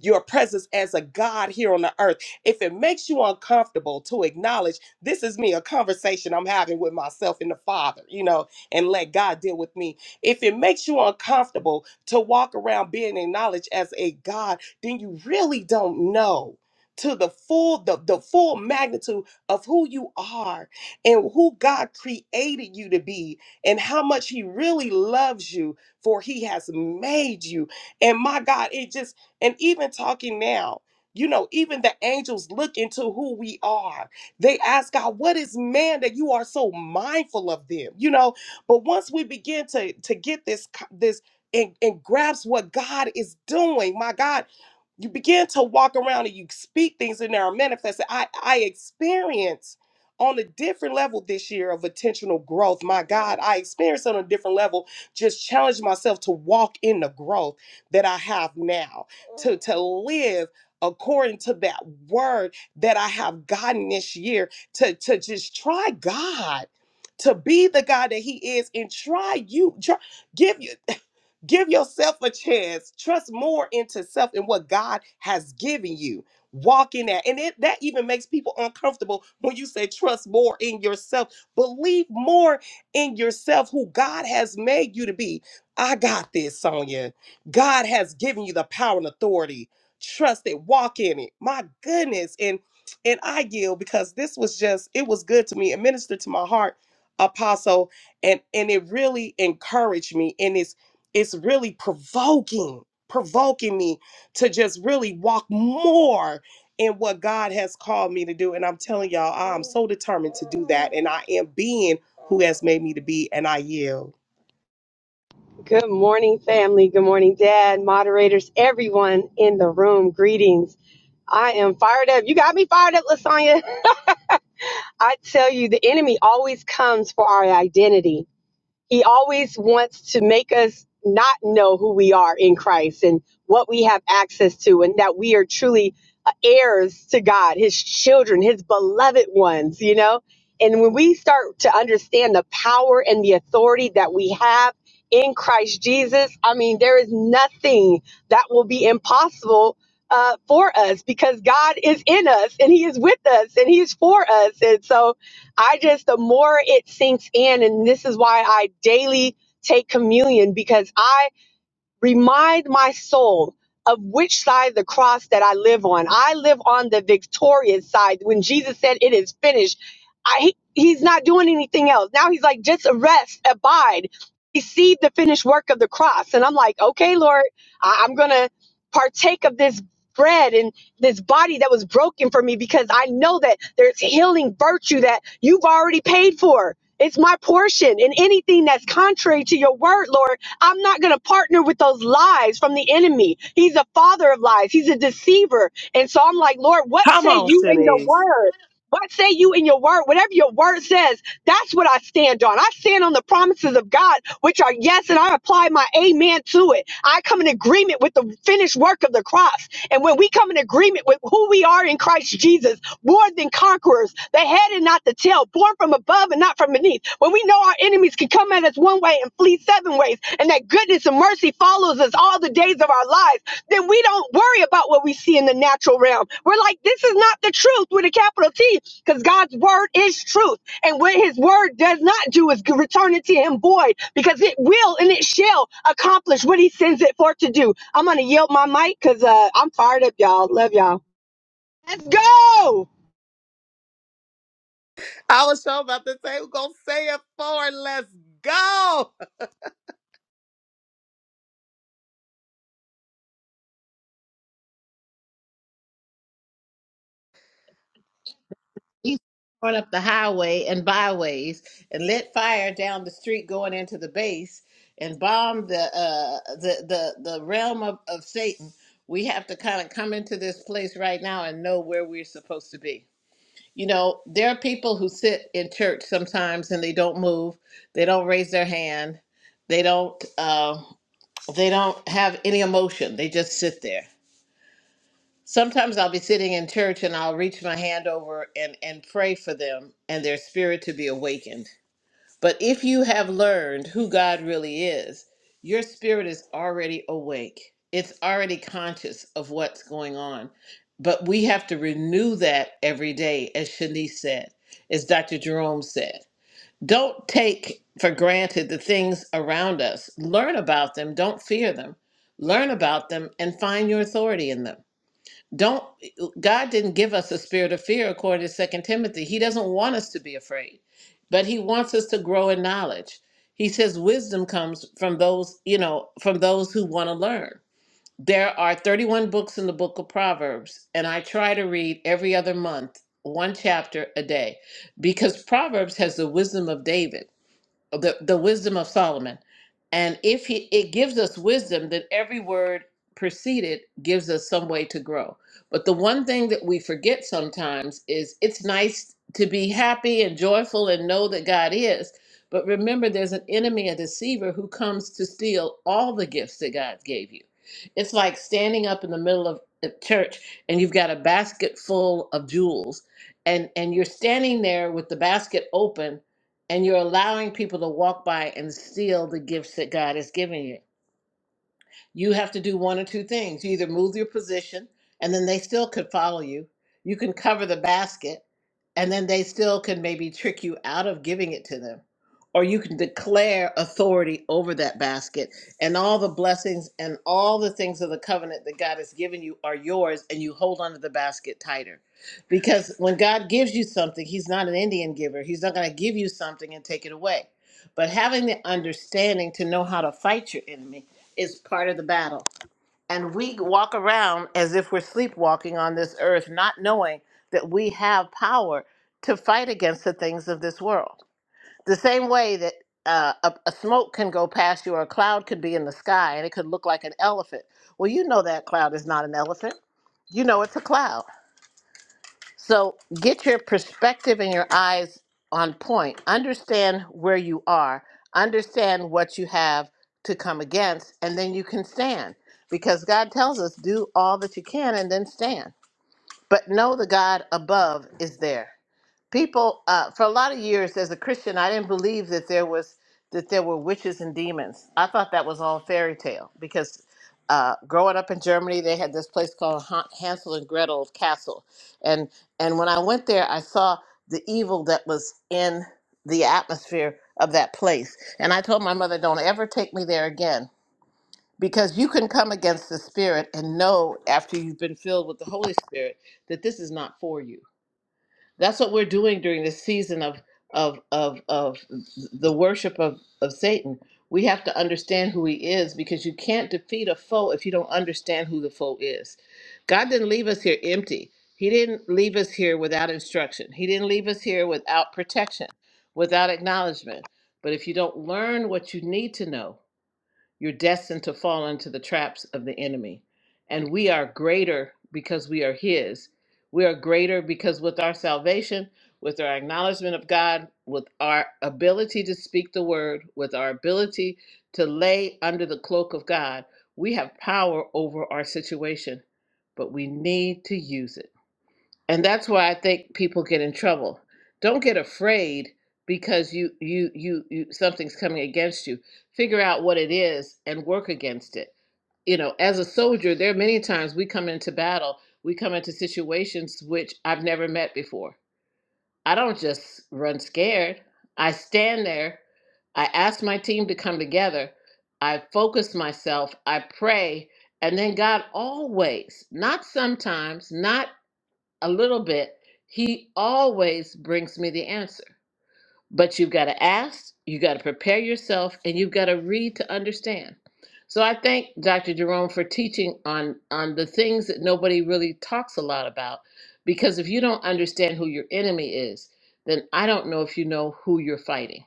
A: your presence as a God here on the earth. If it makes you uncomfortable to acknowledge this is me, a conversation I'm having with myself and the Father, you know, and let God deal with me. If it makes you uncomfortable to walk around being acknowledged as a God, then you really don't know to the full the, the full magnitude of who you are and who God created you to be and how much he really loves you for he has made you and my God, it just and even talking now, you know, even the angels look into who we are. They ask God, what is man that you are so mindful of them? You know, but once we begin to to get this co- this and, and grasp what God is doing, my God, you begin to walk around and you speak things and they are manifested. I I experience on a different level this year of intentional growth. My God, I experienced on a different level, just challenge myself to walk in the growth that I have now to, to live according to that word that I have gotten this year, to, to just try God. To be the God that He is, and try you. Try, give you. Give yourself a chance. Trust more into self and what God has given you. Walk in that. And it, that even makes people uncomfortable when you say, trust more in yourself. Believe more in yourself, who God has made you to be. I got this, Sonia. God has given you the power and authority. Trust it. Walk in it. My goodness. And and I yield because this was just, it was good to me. It ministered to my heart, apostle. And and it really encouraged me in this it's really provoking provoking me to just really walk more in what God has called me to do and I'm telling y'all I'm so determined to do that and I am being who has made me to be and I yield
B: Good morning, family. Good morning, Dad, moderators, everyone in the room. Greetings. I am fired up. You got me fired up, Lasagna. I tell you, the enemy always comes for our identity. He always wants to make us not know who we are in Christ and what we have access to, and that we are truly uh, heirs to God, His children, His beloved ones, you know? And when we start to understand the power and the authority that we have in Christ Jesus, I mean, there is nothing that will be impossible uh, for us because God is in us and He is with us and He is for us. And so, I just, the more it sinks in, and this is why I daily take communion because I. Remind my soul of which side of the cross that I live on. I live on the victorious side. When Jesus said, It is finished, I, he, he's not doing anything else. Now he's like, Just rest, abide, receive the finished work of the cross. And I'm like, Okay, Lord, I, I'm going to partake of this bread and this body that was broken for me because I know that there's healing virtue that you've already paid for. It's my portion. And anything that's contrary to your word, Lord. I'm not going to partner with those lies from the enemy. He's a father of lies, he's a deceiver. And so I'm like, Lord, what
A: come
B: say
A: on
B: you in your
A: Sinise
B: word? What say you in your word? Whatever your word says, that's what I stand on. I stand on the promises of God, which are yes, and I apply my amen to it. I come in agreement with the finished work of the cross. And when we come in agreement with who we are in Christ Jesus, more than conquerors, the head and not the tail, born from above and not from beneath, when we know our enemies can come at us one way and flee seven ways, and that goodness and mercy follows us all the days of our lives, then we don't worry about what we see in the natural realm. We're like, this is not the truth with a capital T, because God's word is truth. And what his word does not do is return it to him void because it will and it shall accomplish what he sends it forth to do. I'm going to yield my mic because uh, I'm fired up, y'all. Love y'all. Let's go.
A: I was sure about to say we're gonna say it forward let's go
E: He's torn up the highway and byways and lit fire down the street going into the base and bombed the uh, the, the the realm of, of Satan. We have to kind of come into this place right now and know where we're supposed to be. You know, there are people who sit in church sometimes and they don't move, they don't raise their hand, they don't uh, they don't have any emotion. They just sit there Sometimes I'll be sitting in church and I'll reach my hand over and, and pray for them and their spirit to be awakened. But if you have learned who God really is, your spirit is already awake. It's already conscious of what's going on. But we have to renew that every day, as Shanice said, as Dr. Jerome said. Don't take for granted the things around us. Learn about them. Don't fear them. Learn about them and find your authority in them don't god didn't give us a spirit of fear according to Second timothy he doesn't want us to be afraid but he wants us to grow in knowledge he says wisdom comes from those you know from those who want to learn there are 31 books in the book of proverbs and i try to read every other month one chapter a day because proverbs has the wisdom of david the, the wisdom of Solomon. And if he, it gives us wisdom, then every word preceded gives us some way to grow. But the one thing that we forget sometimes is it's nice to be happy and joyful and know that God is. But remember, there's an enemy, a deceiver, who comes to steal all the gifts that God gave you. It's like standing up in the middle of a church and you've got a basket full of jewels, and, and you're standing there with the basket open and you're allowing people to walk by and steal the gifts that God has given you you have to do one or two things. You either move your position, and then they still could follow you. You can cover the basket, and then they still can maybe trick you out of giving it to them. Or you can declare authority over that basket, and all the blessings and all the things of the covenant that God has given you are yours, and you hold onto the basket tighter. Because when God gives you something, He's not an Indian giver, He's not going to give you something and take it away. But having the understanding to know how to fight your enemy is part of the battle. And we walk around as if we're sleepwalking on this earth, not knowing that we have power to fight against the things of this world. The same way that uh, a, a smoke can go past you or a cloud could be in the sky and it could look like an elephant. Well, you know that cloud is not an elephant. You know it's a cloud. So get your perspective and your eyes on point. Understand where you are, understand what you have to come against, and then you can stand. Because God tells us, do all that you can and then stand. But know the God above is there people uh, for a lot of years as a christian i didn't believe that there was that there were witches and demons i thought that was all fairy tale because uh, growing up in germany they had this place called Han- hansel and gretel castle and and when i went there i saw the evil that was in the atmosphere of that place and i told my mother don't ever take me there again because you can come against the spirit and know after you've been filled with the holy spirit that this is not for you that's what we're doing during this season of of of of the worship of of Satan. We have to understand who he is because you can't defeat a foe if you don't understand who the foe is. God didn't leave us here empty. He didn't leave us here without instruction. He didn't leave us here without protection, without acknowledgement. But if you don't learn what you need to know, you're destined to fall into the traps of the enemy. And we are greater because we are His. We are greater because with our salvation, with our acknowledgement of God, with our ability to speak the word, with our ability to lay under the cloak of God, we have power over our situation, but we need to use it and that's why i think people get in trouble don't get afraid because you you you, you something's coming against you figure out what it is and work against it you know as a soldier there are many times we come into battle we come into situations which i've never met before i don't just run scared i stand there i ask my team to come together i focus myself i pray and then god always not sometimes not a little bit, he always brings me the answer. But you've got to ask, you've got to prepare yourself, and you've got to read to understand. So I thank Dr. Jerome for teaching on on the things that nobody really talks a lot about. Because if you don't understand who your enemy is, then I don't know if you know who you're fighting.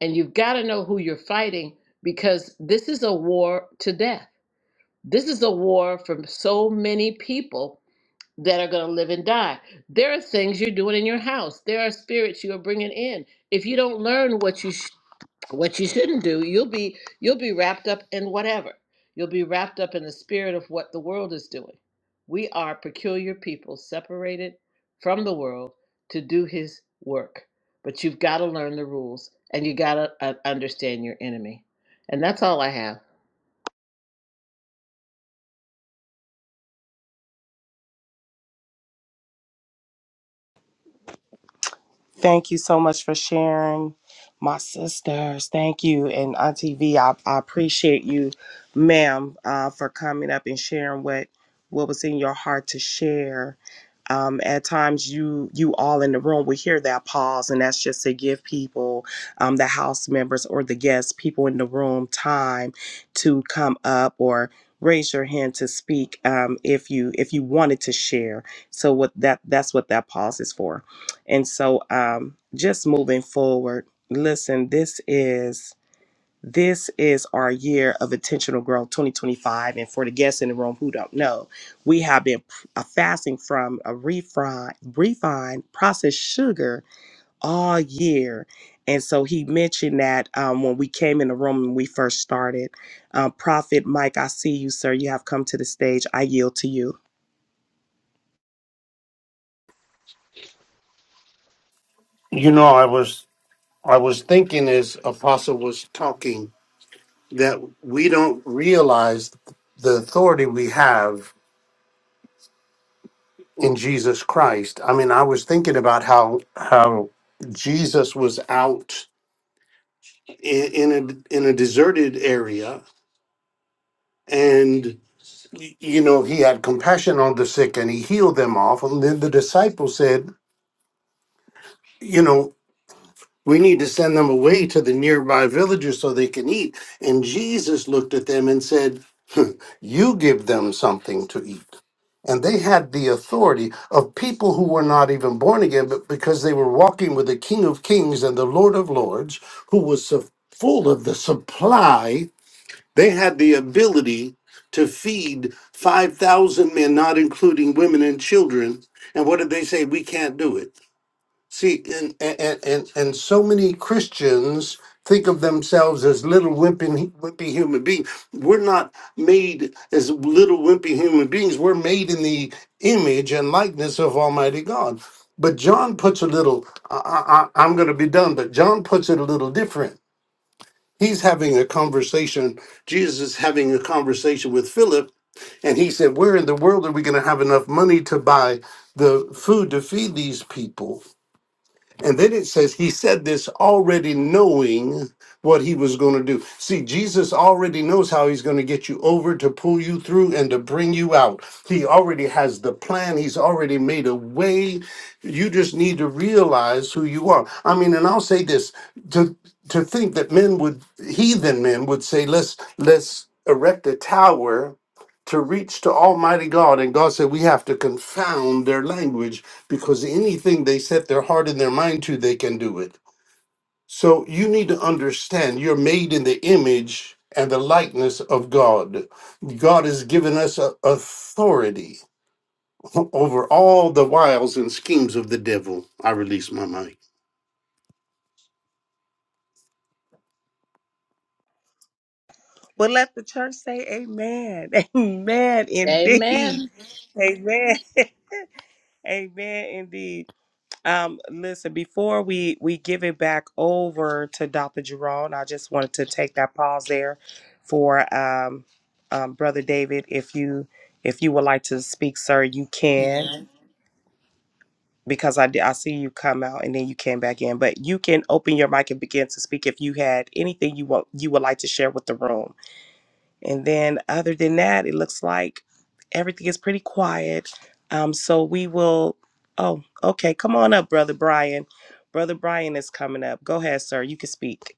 E: And you've got to know who you're fighting because this is a war to death. This is a war for so many people that are going to live and die. There are things you're doing in your house. There are spirits you are bringing in. If you don't learn what you sh- what you shouldn't do, you'll be you'll be wrapped up in whatever. You'll be wrapped up in the spirit of what the world is doing. We are peculiar people separated from the world to do his work. But you've got to learn the rules and you got to uh, understand your enemy. And that's all I have.
A: Thank you so much for sharing, my sisters. Thank you. And Auntie V, I, I appreciate you, ma'am, uh, for coming up and sharing what what was in your heart to share. Um, at times, you you all in the room will hear that pause, and that's just to give people, um, the house members or the guests, people in the room, time to come up or raise your hand to speak um, if you if you wanted to share. So what that that's what that pause is for. And so um just moving forward, listen, this is this is our year of intentional growth 2025 and for the guests in the room who don't know, we have been uh, fasting from a refined refined processed sugar all year. And so he mentioned that um, when we came in the room and we first started, um, Prophet Mike, I see you, sir. You have come to the stage. I yield to you.
F: You know, I was I was thinking as Apostle was talking that we don't realize the authority we have in Jesus Christ. I mean, I was thinking about how how Jesus was out in, in a in a deserted area and y- you know he had compassion on the sick and he healed them off and then the disciples said We need to send them away to the nearby villages so they can eat. And Jesus looked at them and said, "Hmm, You give them something to eat. And they had the authority of people who were not even born again, but because they were walking with the King of Kings and the Lord of Lords, who was so full of the supply, they had the ability to feed 5,000 men, not including women and children. And what did they say? We can't do it. See, and and and and so many Christians think of themselves as little wimpy wimpy human beings. We're not made as little wimpy human beings. We're made in the image and likeness of Almighty God. But John puts a little. I, I, I- I'm going to be done. But John puts it a little different. He's having a conversation. Jesus is having a conversation with Philip, and he said, "Where in the world are we going to have enough money to buy the food to feed these people?" And then it says he said this already knowing what he was going to do. See, Jesus already knows how he's going to get you over to pull you through and to bring you out. He already has the plan, he's already made a way. You just need to realize who you are. I mean, and I'll say this to to think that men would heathen men would say let's let's erect a tower to reach to Almighty God. And God said, We have to confound their language because anything they set their heart and their mind to, they can do it. So you need to understand you're made in the image and the likeness of God. God has given us a authority over all the wiles and schemes of the devil. I release my mind.
A: Well, let the church say amen. Amen indeed.
E: Amen.
A: Amen. Amen indeed. Um, listen, before we, we give it back over to Dr. Jerome, I just wanted to take that pause there for um, um, Brother David. If you if you would like to speak, sir, you can because I, di- I see you come out and then you came back in. But you can open your mic and begin to speak if you had anything you want you would like to share with the room. And then, other than that, it looks like everything is pretty quiet. Um, so we will. Oh, okay. Come on up, Brother Brian. Brother Brian is coming up. Go ahead, sir. You can speak.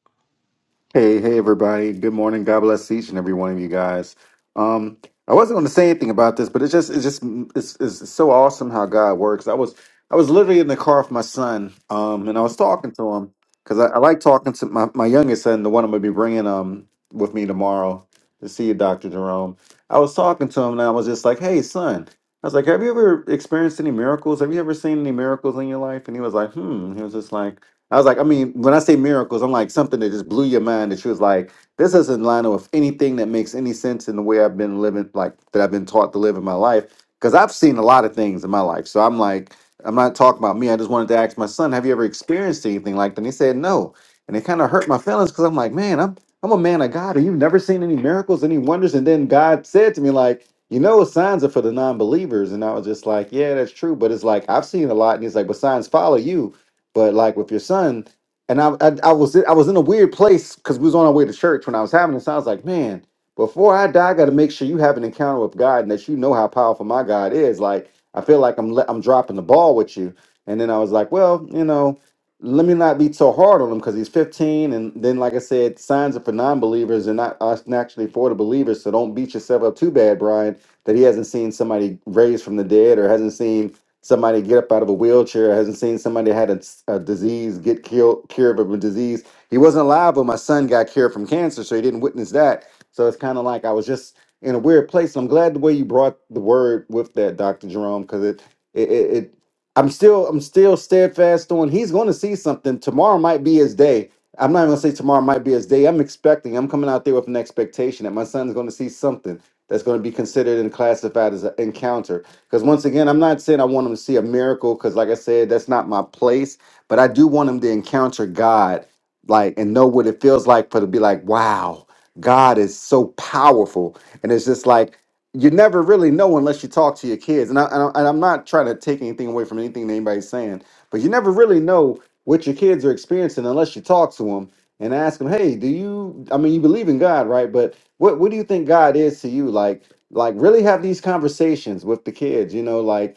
G: Hey, hey, everybody. Good morning. God bless each and every one of you guys. Um, I wasn't going to say anything about this, but it's just, it's just, it's, it's so awesome how God works. I was, I was literally in the car with my son, um, and I was talking to him because I, I like talking to my, my youngest son, the one I'm going to be bringing, um, with me tomorrow to see you, Dr. Jerome. I was talking to him and I was just like, Hey, son, I was like, have you ever experienced any miracles? Have you ever seen any miracles in your life? And he was like, hmm. He was just like, I was like, I mean, when I say miracles, I'm like something that just blew your mind that she was like, this isn't line up with anything that makes any sense in the way I've been living, like that I've been taught to live in my life. Because I've seen a lot of things in my life. So I'm like, I'm not talking about me. I just wanted to ask my son, have you ever experienced anything like that? And he said no. And it kind of hurt my feelings because I'm like, man, I'm I'm a man of God. And you've never seen any miracles, any wonders. And then God said to me, like, you know, signs are for the non-believers. And I was just like, yeah, that's true. But it's like I've seen a lot. And he's like, but signs follow you. But like with your son, and I, I, I was I was in a weird place because we was on our way to church when I was having this. I was like, man, before I die, I got to make sure you have an encounter with God and that you know how powerful my God is. Like I feel like I'm le- I'm dropping the ball with you. And then I was like, well, you know, let me not be so hard on him because he's 15. And then, like I said, signs are for non-believers and not us naturally for the believers. So don't beat yourself up too bad, Brian, that he hasn't seen somebody raised from the dead or hasn't seen somebody get up out of a wheelchair. I hasn't seen somebody had a, a disease get killed, cured of a disease. He wasn't alive when my son got cured from cancer, so he didn't witness that. So it's kind of like I was just in a weird place. I'm glad the way you brought the word with that, Doctor Jerome, because it, it it it I'm still I'm still steadfast on. He's going to see something tomorrow. Might be his day. I'm not even gonna say tomorrow might be his day. I'm expecting. I'm coming out there with an expectation that my son's going to see something that's going to be considered and classified as an encounter because once again, I'm not saying I want them to see a miracle, because like I said, that's not my place. But I do want them to encounter God, like, and know what it feels like for to be like, wow, God is so powerful. And it's just like, you never really know unless you talk to your kids. And, I, and, I, and I'm not trying to take anything away from anything that anybody's saying, but you never really know what your kids are experiencing unless you talk to them and ask him, "Hey, do you? I mean, you believe in God, right? But what what do you think God is to you? Like, like really have these conversations with the kids. You know, like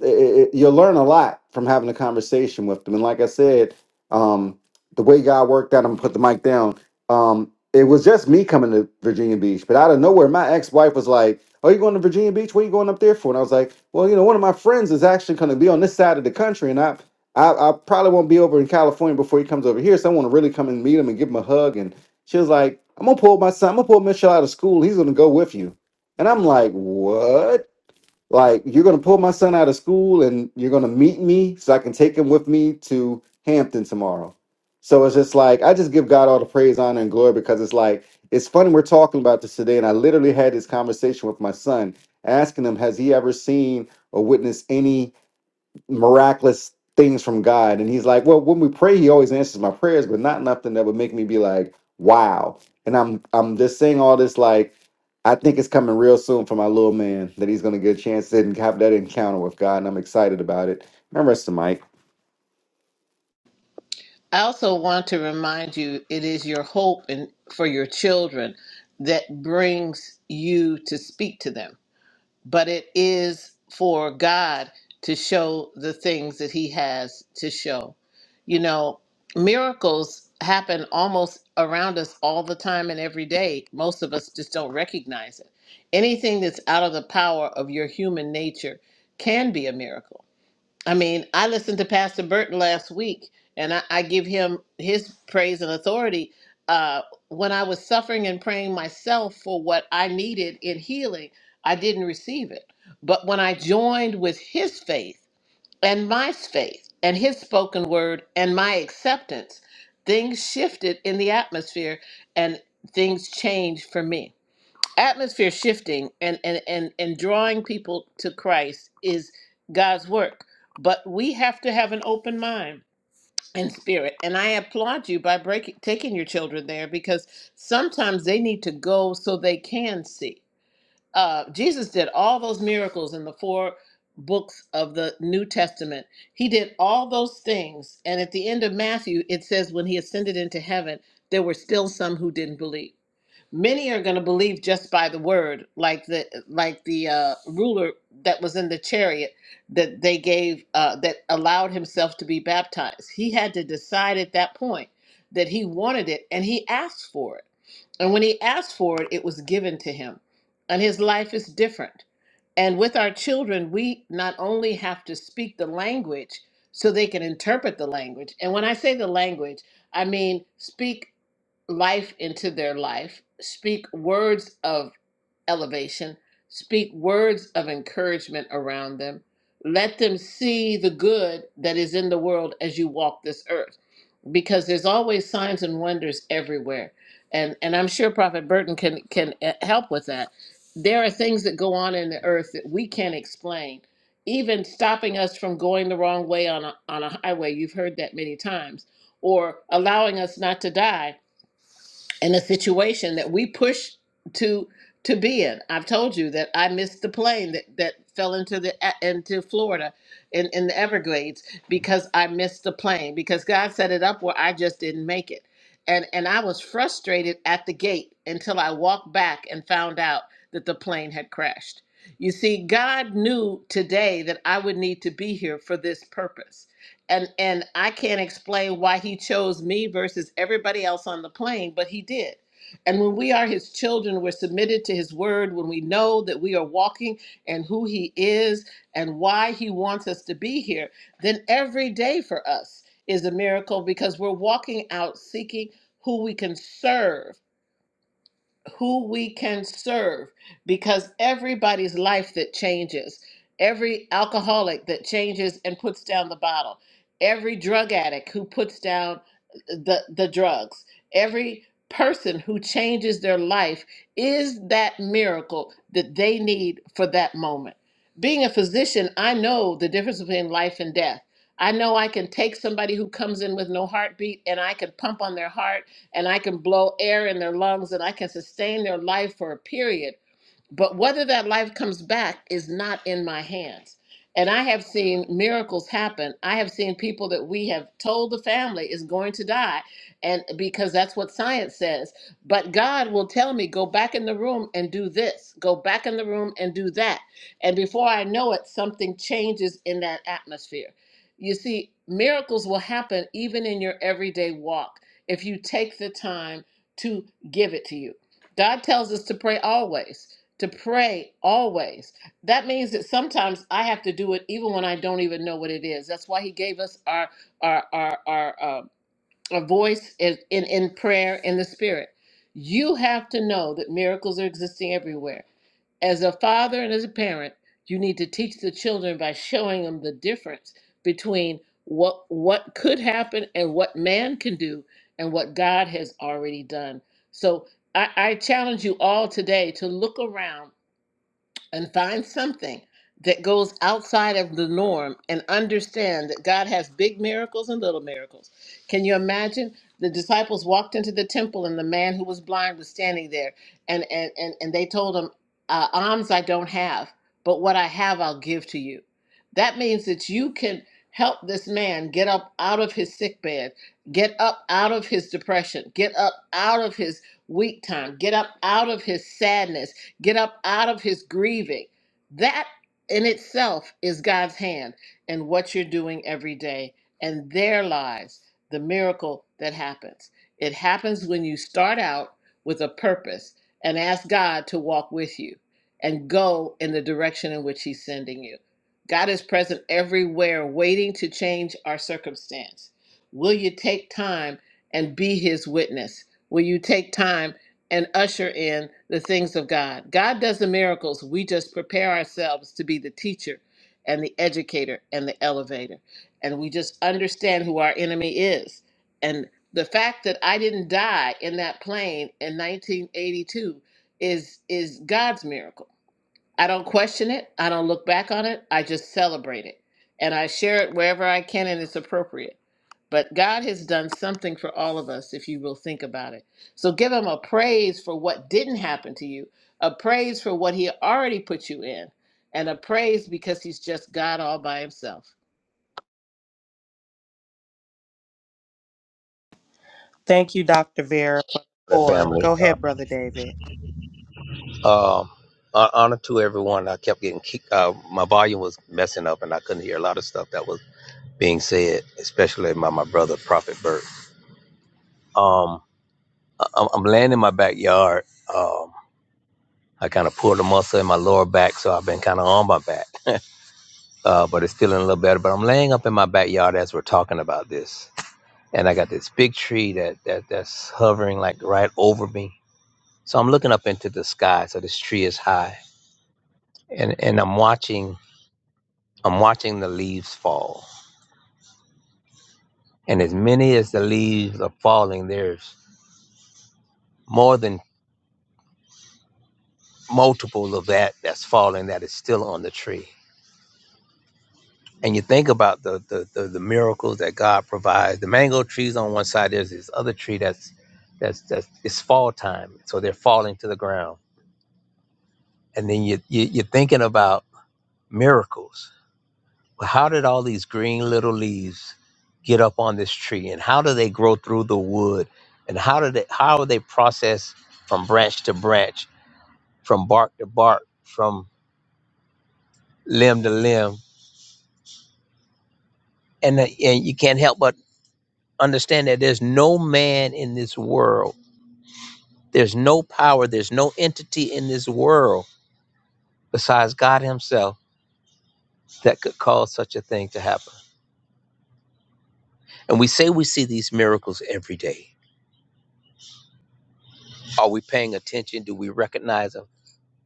G: it, it, you'll learn a lot from having a conversation with them. And like I said, um, the way God worked out, I'm gonna put the mic down. Um, it was just me coming to Virginia Beach, but out of nowhere, my ex wife was like, "Are you going to Virginia Beach? What are you going up there for?" And I was like, "Well, you know, one of my friends is actually going to be on this side of the country, and I I, I probably won't be over in California before he comes over here. So I want to really come and meet him and give him a hug. And she was like, I'm gonna pull my son, I'm gonna pull Mitchell out of school. He's gonna go with you. And I'm like, What? Like, you're gonna pull my son out of school and you're gonna meet me so I can take him with me to Hampton tomorrow. So it's just like I just give God all the praise, honor, and glory because it's like it's funny we're talking about this today. And I literally had this conversation with my son, asking him, Has he ever seen or witnessed any? miraculous things from God. And he's like, well, when we pray, he always answers my prayers, but not nothing that would make me be like, wow. And I'm I'm just saying all this like I think it's coming real soon for my little man that he's gonna get a chance to have that encounter with God, and I'm excited about it. And I rest the mic.
E: I also want to remind you it is your hope and for your children that brings you to speak to them. But it is for God to show the things that he has to show. You know, miracles happen almost around us all the time and every day. Most of us just don't recognize it. Anything that's out of the power of your human nature can be a miracle I mean, I listened to Pastor Burton last week, and I, I give him his praise and authority. Uh, when I was suffering and praying myself for what I needed in healing, I didn't receive it. But when I joined with his faith and my faith and his spoken word and my acceptance, things shifted in the atmosphere and things changed for me atmosphere shifting and and and and drawing people to Christ is God's work. But we have to have an open mind and spirit. And I applaud you by breaking taking your children there because sometimes they need to go so they can see. Uh, Jesus did all those miracles in the four books of the New Testament. He did all those things. And at the end of Matthew, it says when he ascended into heaven, there were still some who didn't believe many are going to believe just by the word like the like the uh, ruler that was in the chariot that they gave uh, that allowed himself to be baptized he had to decide at that point that he wanted it and he asked for it and when he asked for it it was given to him and his life is different and with our children, we not only have to speak the language so they can interpret the language. And when I say the language, I mean speak life into their life, speak words of elevation, speak words of encouragement around them. Let them see the good that is in the world as you walk this earth, because there's always signs and wonders everywhere. And and I'm sure Prophet Burton can can uh, help with that. There are things that go on in the earth that we can't explain, even stopping us from going the wrong way on a, on a highway. You've heard that many times, or allowing us not to die in a situation that we push to to be in. I've told you that I missed the plane that that fell into the into Florida in in the Everglades because I missed the plane because God set it up where I just didn't make it. And and I was frustrated at the gate until I walked back and found out that the plane had crashed. You see, God knew today that I would need to be here for this purpose and and I can't explain why he chose me versus everybody else on the plane, but he did. And when we are his children, we're submitted to his word, when we know that we are walking and who he is and why he wants us to be here, then every day for us is a miracle because we're walking out seeking who we can serve who we can serve because everybody's life that changes, every alcoholic that changes and puts down the bottle, every drug addict who puts down uh, the, the drugs, every person who changes their life is that miracle that they need for that moment. Being a physician, I know the difference between life and death. I know I can take somebody who comes in with no heartbeat and I can pump on their heart and I can blow air in their lungs and I can sustain their life for a period but whether that life comes back is not in my hands. And I have seen miracles happen. I have seen people that we have told the family is going to die, and because that's what science says. But God will tell me, go back in the room and do this, go back in the room and do that. And before I know it, something changes in that atmosphere. You see, miracles will happen even in your everyday walk if you take the time to give it to you. God tells us to pray always to pray always. That means that sometimes I have to do it even when I don't even know what it is. That's why he gave us our our our our, uh, our voice in, in in prayer in the spirit. You have to know that miracles are existing everywhere. As a father and as a parent, you need to teach the children by showing them the difference between what what could happen and what man can do and what God has already done. So I, I challenge you all today to look around and find something that goes outside of the norm and understand that God has big miracles and little miracles. Can you imagine? The disciples walked into the temple and the man who was blind was standing there and and and, and they told him, uh, alms I don't have, but what I have I'll give to you. That means that you can help this man get up out of his sick bed, get up out of his depression, get up out of his weak time, get up out of his sadness get up out of his grieving. That in itself is God's hand and what you're doing every day. And there lies the miracle that happens. It happens when you start out with a purpose and ask God to walk with you and go in the direction in which He's sending you. God is present everywhere, waiting to change our circumstance. Will you take time and be His witness? Will you take time? and usher in the things of God. God does the miracles. We just prepare ourselves to be the teacher and the educator and the elevator. And we just understand who our enemy is. And the fact that I didn't die in that plane in 1982 is is God's miracle. I don't question it. I don't look back on it. I just celebrate it. And I share it wherever I can and it's appropriate. But God has done something for all of us if you will think about it. So give him a praise for what didn't happen to you, a praise for what he already put you in, and a praise because he's just God all by himself.
A: Thank you, Dr. Vera.
H: that
A: Or
H: family.
A: go ahead, Brother David.
H: Um, hon- honor to everyone. I kept getting kicked. Uh, my volume was messing up, and I couldn't hear a lot of stuff that was being said, especially by my brother, Prophet Bert. Um, I- I'm I'm laying in my backyard. Um, I kind of pulled a muscle in my lower back, so I've been kind of on my back, uh, but it's feeling a little better. But I'm laying up in my backyard as we're talking about this, and I got this big tree that, that that's hovering like right over me. So I'm looking up into the sky. So this tree is high, and and I'm watching I'm watching the leaves fall. And as many as the leaves are falling, there's more than multiple of that that's falling that is still on the tree. And you think about the the, the, the miracles that God provides. The mango trees on one side, there's this other tree that's that's that's it's fall time. So they're falling to the ground. And then you, you you're thinking about miracles how did all these green little leaves get up on this tree and how do they grow through the wood and how do they how are they processed from branch to branch from bark to bark from limb to limb and that- and you can't help but understand that there's no man in this world there's no power there's no entity in this world besides God himself that could cause such a thing to happen and we say we see these miracles every day are we paying attention do we recognize them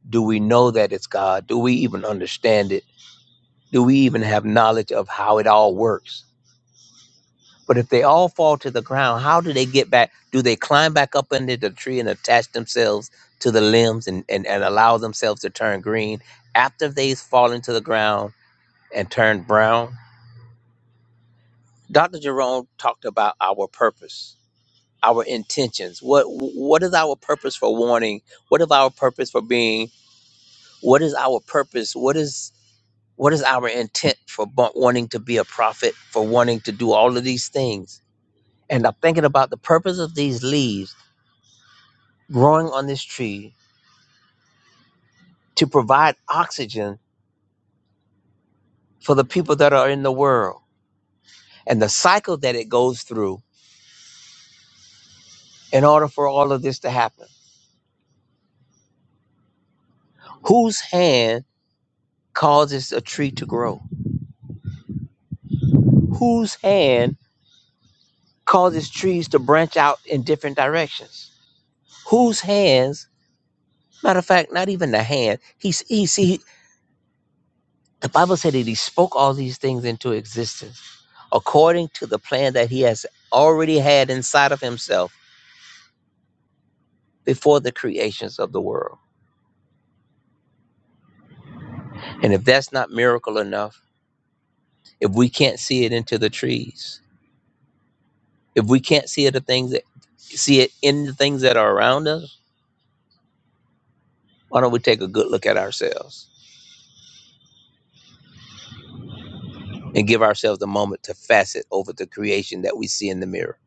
H: Do we know that it's God? Do we even understand it? Do we even have knowledge of how it all works? But if they all fall to the ground, how do they get back? Do they climb back up into the tree and attach themselves to the limbs and, and, and allow themselves to turn green after they've fallen to the ground and turned brown? Dr. Jerome talked about our purpose, our intentions. What what is our purpose for warning? What is our purpose for being? What is our purpose? What is What is our intent for bu- wanting to be a prophet, for wanting to do all of these things? And I'm thinking about the purpose of these leaves growing on this tree to provide oxygen for the people that are in the world and the cycle that it goes through in order for all of this to happen. Whose hand causes a tree to grow? Whose hand causes trees to branch out in different directions? Whose hands, matter of fact, not even the hand, he's, he. see, The Bible said that he spoke all these things into existence according to the plan that he has already had inside of himself before the creations of the world. And if that's not miracle enough, if we can't see it into the trees, if we can't see it the things that see it in the things that are around us, why don't we take a good look at ourselves and give ourselves a moment to facet over the creation that we see in the mirror?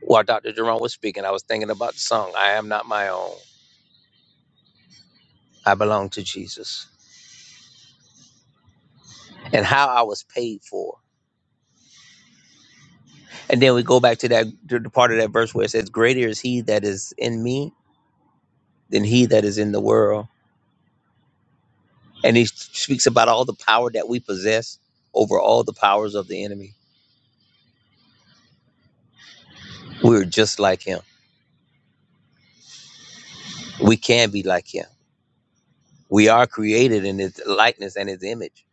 H: While Dr. Jerome was speaking, I was thinking about the song, I Am Not My Own. I belong to Jesus. and how I was paid for. And then we go back to that to the part of that verse where it says, "Greater is He that is in me than he that is in the world." And he speaks about all the power that we possess over all the powers of the enemy. We're just like Him. We can be like Him. We are created in His likeness and His image.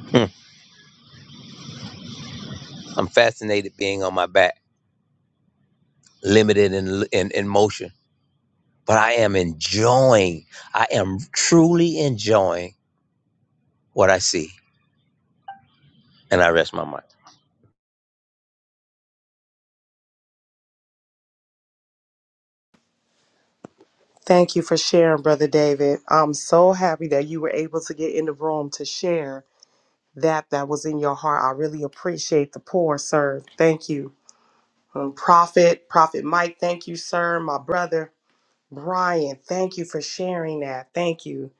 H: Hmm. I'm fascinated being on my back, limited in, in in motion, but I am enjoying. I am truly enjoying what I see, and I rest my mind.
A: Thank you for sharing, Brother David. I'm so happy that you were able to get in the room to share that that was in your heart. I really appreciate the pour, sir. Thank you. Um, Prophet, Prophet Mike, thank you, sir. My brother. Brian, thank you for sharing that. Thank you.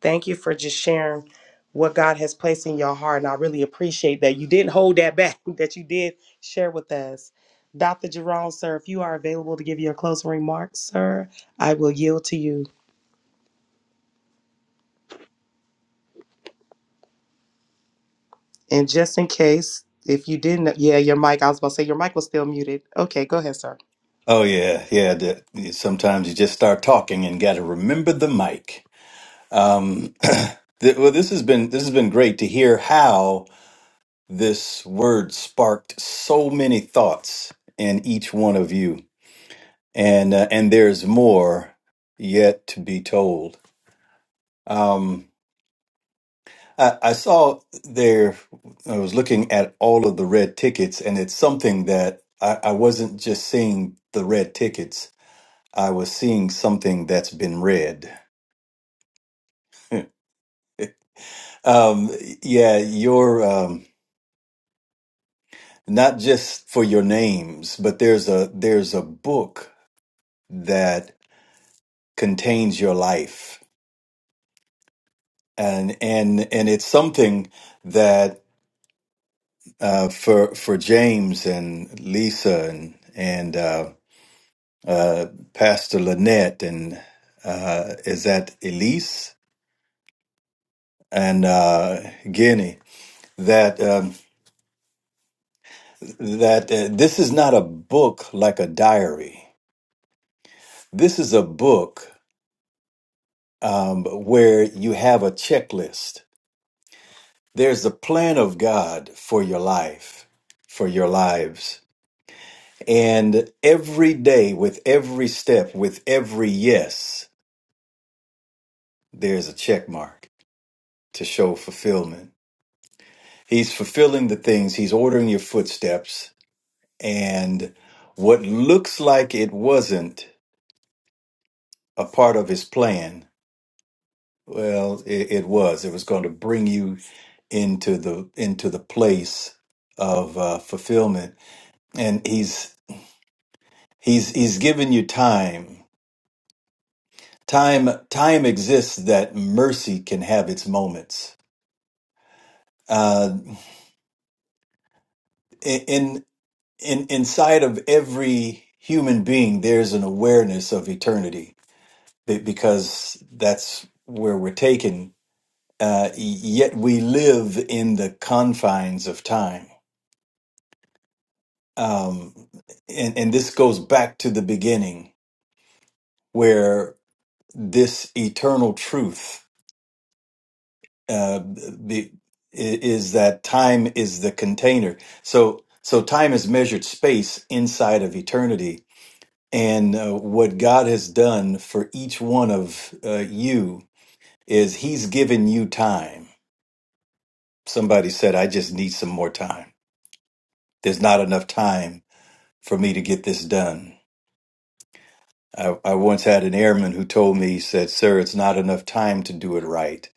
A: Thank you for just sharing what God has placed in your heart. And I really appreciate that. You didn't hold that back, that you did share with us. Dr. Jerome, sir, if you are available to give your closing remarks, sir, I will yield to you. And just in case, if you didn't, yeah, your mic, I was about to say your mic was still muted. Okay, go ahead, sir.
C: Oh, yeah. Yeah. the- sometimes you just start talking and got to remember the mic. Um, th- well, this has been this has been great to hear how This word sparked so many thoughts in each one of you, and uh, and there's more yet to be told. Um, I, I saw there. I was looking at all of the red tickets, and it's something that I, I wasn't just seeing the red tickets. I was seeing something that's been read. Um, yeah, your um, not just for your names, but there's a there's a book that. contains your life and and and it's something that uh, for for James and Lisa and and uh, uh, Pastor Lynette and uh, is that Elise and uh, Guinea that um, that uh, this is not a book like a diary. This is a book um, where you have a checklist. There's a plan of God for your life, for your lives And every day, with every step, with every yes, there's a check mark to show fulfillment. He's fulfilling the things, he's ordering your footsteps. And what looks like it wasn't a part of his plan, well, it, it was. It was going to bring you into the into the place of uh, fulfillment, and he's he's he's given you time time time exists that mercy can have its moments uh in in inside of every human being there's an awareness of eternity be- because that's where we're taken uh yet we live in the confines of time um and and this goes back to the beginning where this eternal truth uh, the is that time is the container. So so time is measured space inside of eternity, and uh, what God has done for each one of uh, you is He's given you time. Somebody said, "I just need some more time. There's not enough time for me to get this done." I, I once had an airman who told me, he said, "Sir, it's not enough time to do it right.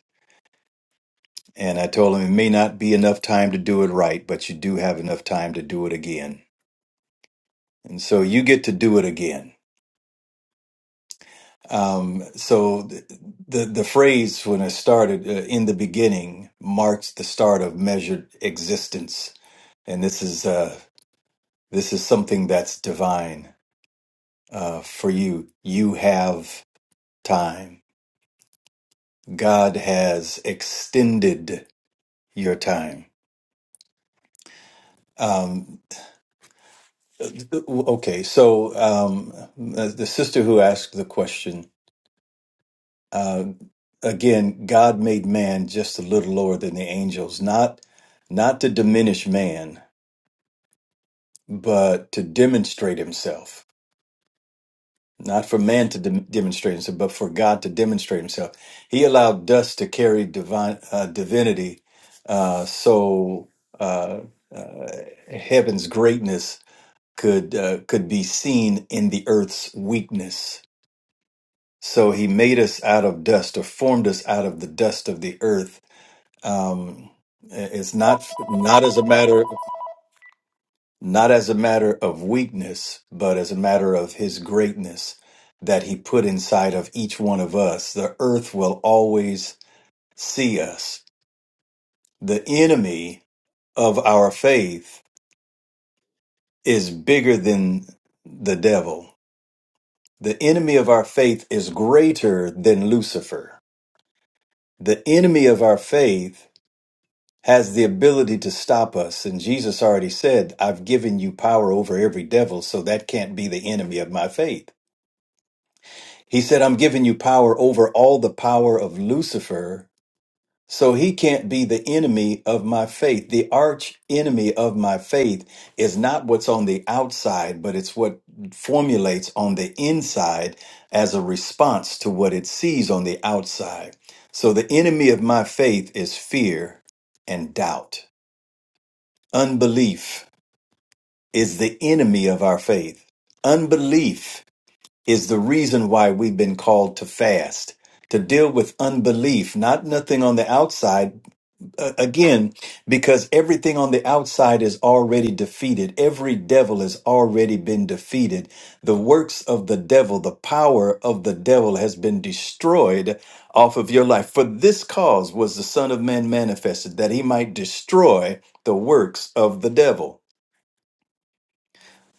C: And I told him it may not be enough time to do it right, but you do have enough time to do it again. And so you get to do it again. Um, so th- the the phrase when I started uh, in the beginning marks the start of measured existence, and this is uh, this is something that's divine uh, for you. You have time. God has extended your time. Um, Uh, Okay, so um, the the sister who asked the question uh, again, God made man just a little lower than the angels, not not to diminish man, but to demonstrate Himself. Not for man to dem- demonstrate Himself, but for God to demonstrate Himself. He allowed dust to carry divine uh, divinity, uh, so uh, uh, heaven's greatness could uh, could be seen in the earth's weakness So he made us out of dust or formed us out of the dust of the earth. Um, it's not not as a matter not as a matter of weakness, but as a matter of his greatness that he put inside of each one of us. The earth will always see us. The enemy of our faith is bigger than the devil. The enemy of our faith is greater than Lucifer. The enemy of our faith has the ability to stop us. And Jesus already said, I've given you power over every devil, so that can't be the enemy of my faith. He said, I'm giving you power over all the power of Lucifer, so he can't be the enemy of my faith. The arch enemy of my faith is not what's on the outside, but it's what formulates on the inside as a response to what it sees on the outside. So the enemy of my faith is fear and doubt. Unbelief is the enemy of our faith. Unbelief is the reason why we've been called to fast, to deal with unbelief, not nothing on the outside. Uh, again, because everything on the outside is already defeated. Every devil has already been defeated. The works of the devil, the power of the devil has been destroyed off of your life. For this cause was the Son of Man manifested, that he might destroy the works of the devil.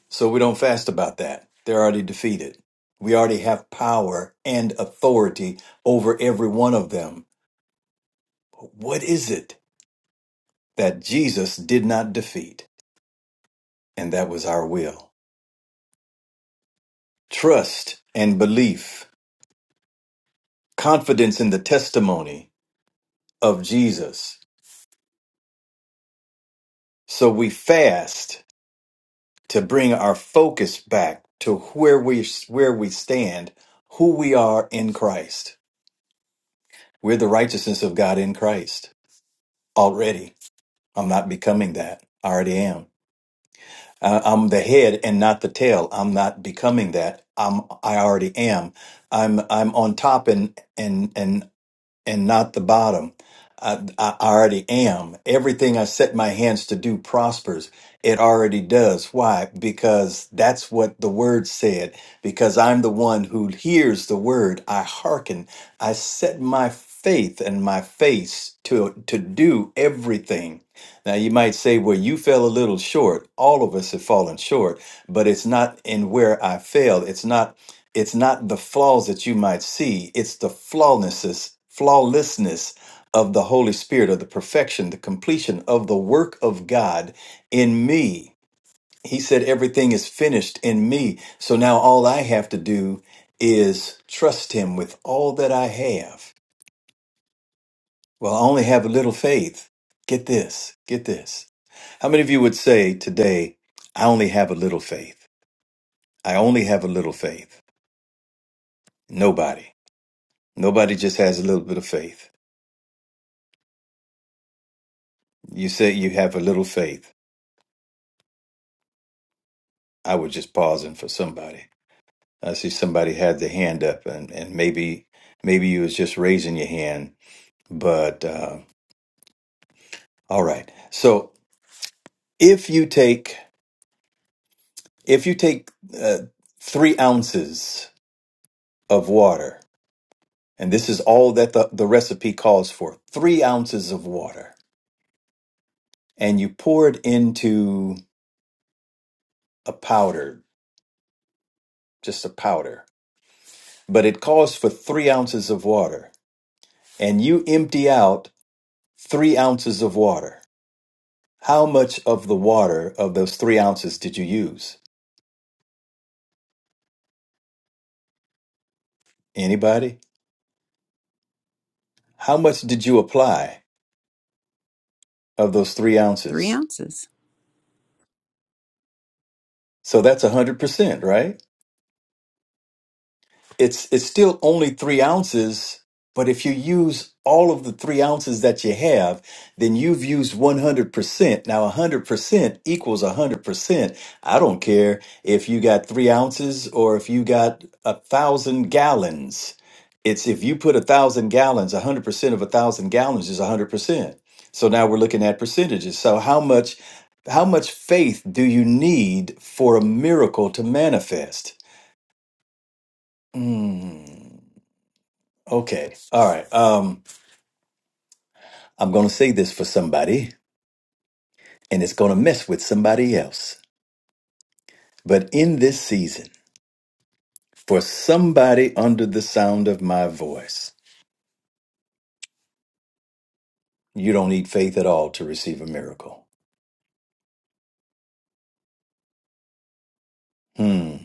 C: So we don't fast about that. They're already defeated. We already have power and authority over every one of them. But what is it that Jesus did not defeat? And that was our will. Trust and belief, confidence in the testimony of Jesus. So we fast to bring our focus back to where we where we stand, who we are in Christ. We're the righteousness of God in Christ already I'm not becoming that. I already am. I- I'm the head and not the tail. I'm not becoming that. I'm I already am. I'm I'm on top and and and and not the bottom. I, I already am. Everything I set my hands to do prospers. It already does. Why? Because that's what the word said. Because I'm the one who hears the word. I hearken. I set my faith and my face to, to do everything. Now you might say, well, you fell a little short. All of us have fallen short, but it's not in where I failed. It's not it's not the flaws that you might see it's the flawlessness flawlessness of the holy spirit of the perfection the completion of the work of god in me he said everything is finished in me so now all i have to do is trust him with all that i have well i only have a little faith get this get this how many of you would say today i only have a little faith i only have a little faith nobody nobody just has a little bit of faith You say you have a little faith. I was just pausing for somebody. I see somebody had their hand up, and, and maybe maybe you was just raising your hand. But uh, all right. So if you take if you take uh, three ounces of water, and this is all that the, the recipe calls for, three ounces of water, and you pour it into a powder, just a powder. But it calls for three ounces of water, and you empty out Three ounces of water. How much of the water of those three ounces did you use? Anybody? How much did you apply of those three
D: Three
C: ounces?
D: ounces.
C: So that's 100%, right? it's it's still only three ounces but if you use all of the three ounces that you have then you've used 100% now 100% equals 100% i don't care if you got three ounces or if you got a thousand gallons it's if you put a thousand gallons 100% of a thousand gallons is 100% so now we're looking at percentages so how much how much faith do you need for a miracle to manifest Mm. Okay. All right. Um, I'm going to say this for somebody, and it's going to mess with somebody else. But in this season, for somebody under the sound of my voice, you don't need faith at all to receive a miracle. Hmm.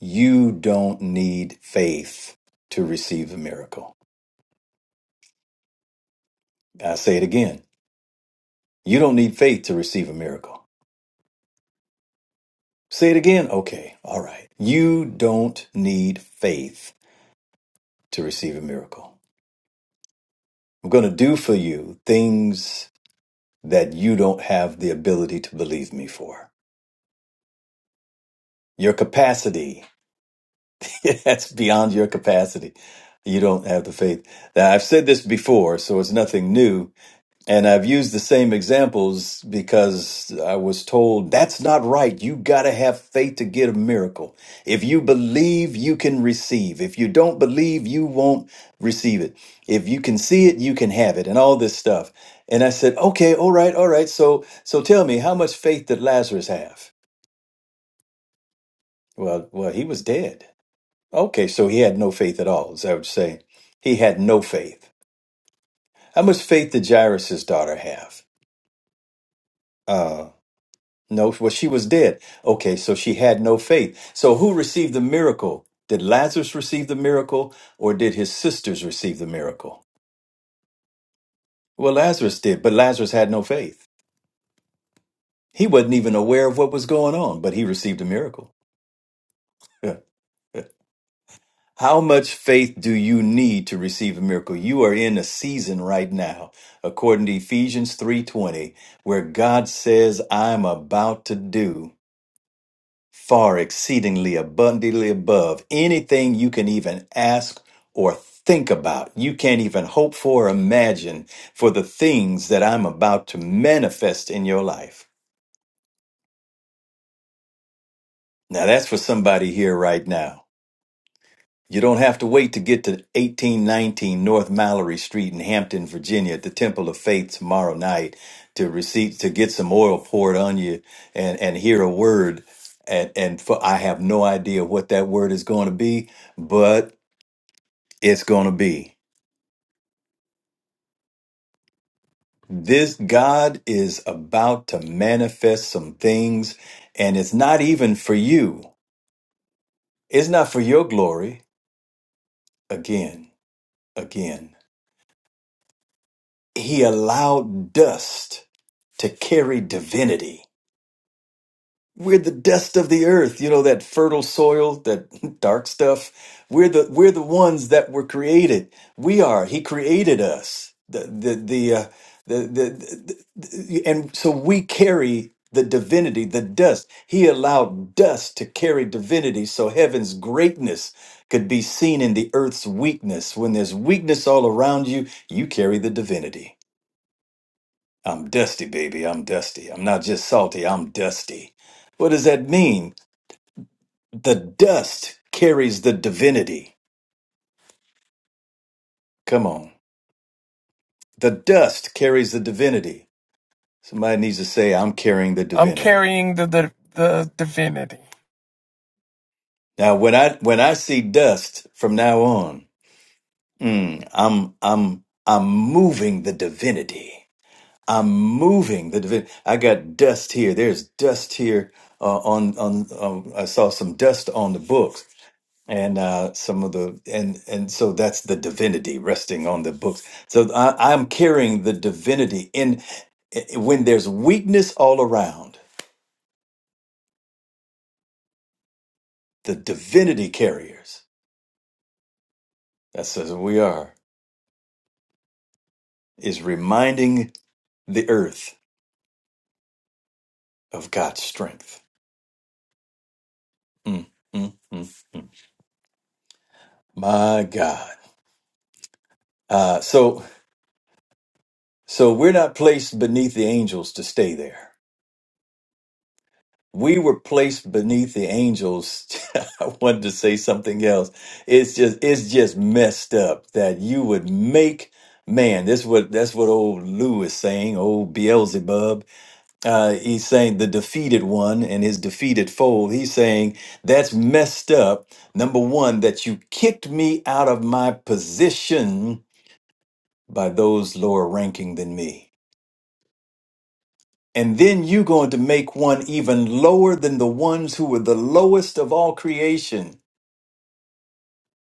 C: You don't need faith to receive a miracle. I say it again. You don't need faith to receive a miracle. Say it again. Okay. All right. You don't need faith to receive a miracle. I'm going to do for you things that you don't have the ability to believe me for. Your capacity, that's beyond your capacity. You don't have the faith. Now, I've said this before, so it's nothing new And I've used the same examples because I was told that's not right. You got to have faith to get a miracle. If you believe, you can receive. If you don't believe, you won't receive it. If you can see it, you can have it and all this stuff. And I said, "Okay, all right, all right. So so tell me, how much faith did Lazarus have?" Well, well, he was dead. Okay, so he had no faith at all. As I would say, he had no faith. How much faith did Jairus' daughter have? Uh, No, well, she was dead. Okay, so she had no faith. So who received the miracle? Did Lazarus receive the miracle or did his sisters receive the miracle? Well, Lazarus did, but Lazarus had no faith. He wasn't even aware of what was going on, but he received a miracle. Yeah. How much faith do you need to receive a miracle? You are in a season right now, according to Ephesians 3:20, where God says, "I'm about to do." far exceedingly abundantly above anything you can even ask or think about. You can't even hope for or imagine for the things that I'm about to manifest in your life. Now, that's for somebody here right now. You don't have to wait to get to 1819 North Mallory Street in Hampton, Virginia at the Temple of Faith tomorrow night to receive, to get some oil poured on you and, and hear a word. And, and for, I have no idea what that word is going to be, but. it's going to be. This God is about to manifest some things, and it's not even for you. It's not for your glory. Again, again. He allowed dust to carry divinity. We're the dust of the earth, you know, that fertile soil, that dark stuff. We're the we're the ones that were created. We are. He created us. The the the uh, the, the, the and so we carry the divinity, the dust. He allowed dust to carry divinity so heaven's greatness could be seen in the earth's weakness. When there's weakness all around you, you carry the divinity. I'm dusty, baby. I'm dusty. I'm not just salty. I'm dusty. What does that mean? The dust carries the divinity. Come on. The dust carries the divinity. Somebody needs to say, I'm carrying the
I: I'm
C: divinity.
I: carrying the the, the divinity.
C: Now, when I, when I see dust from now on, mm, I'm, I'm, I'm moving the divinity. I'm moving the divinity. I got dust here. There's dust here. Uh, on, on, um, I saw some dust on the books. and uh some of the and and so that's the divinity resting on the books so I, i'm carrying the divinity in i- when there's weakness all around the divinity carriers that says we are is reminding the earth of god's strength Mm, mm, mm. my god uh so so we're not placed beneath the angels to stay there we were placed beneath the angels. I wanted to say something else. It's just it's just messed up that you would make man. This what that's what old Lou is saying. Old Beelzebub. Uh, he's saying the defeated one and his defeated foe. He's saying that's messed up. Number one, that you kicked me out of my position by those lower ranking than me. And then you're going to make one even lower than the ones who were the lowest of all creation.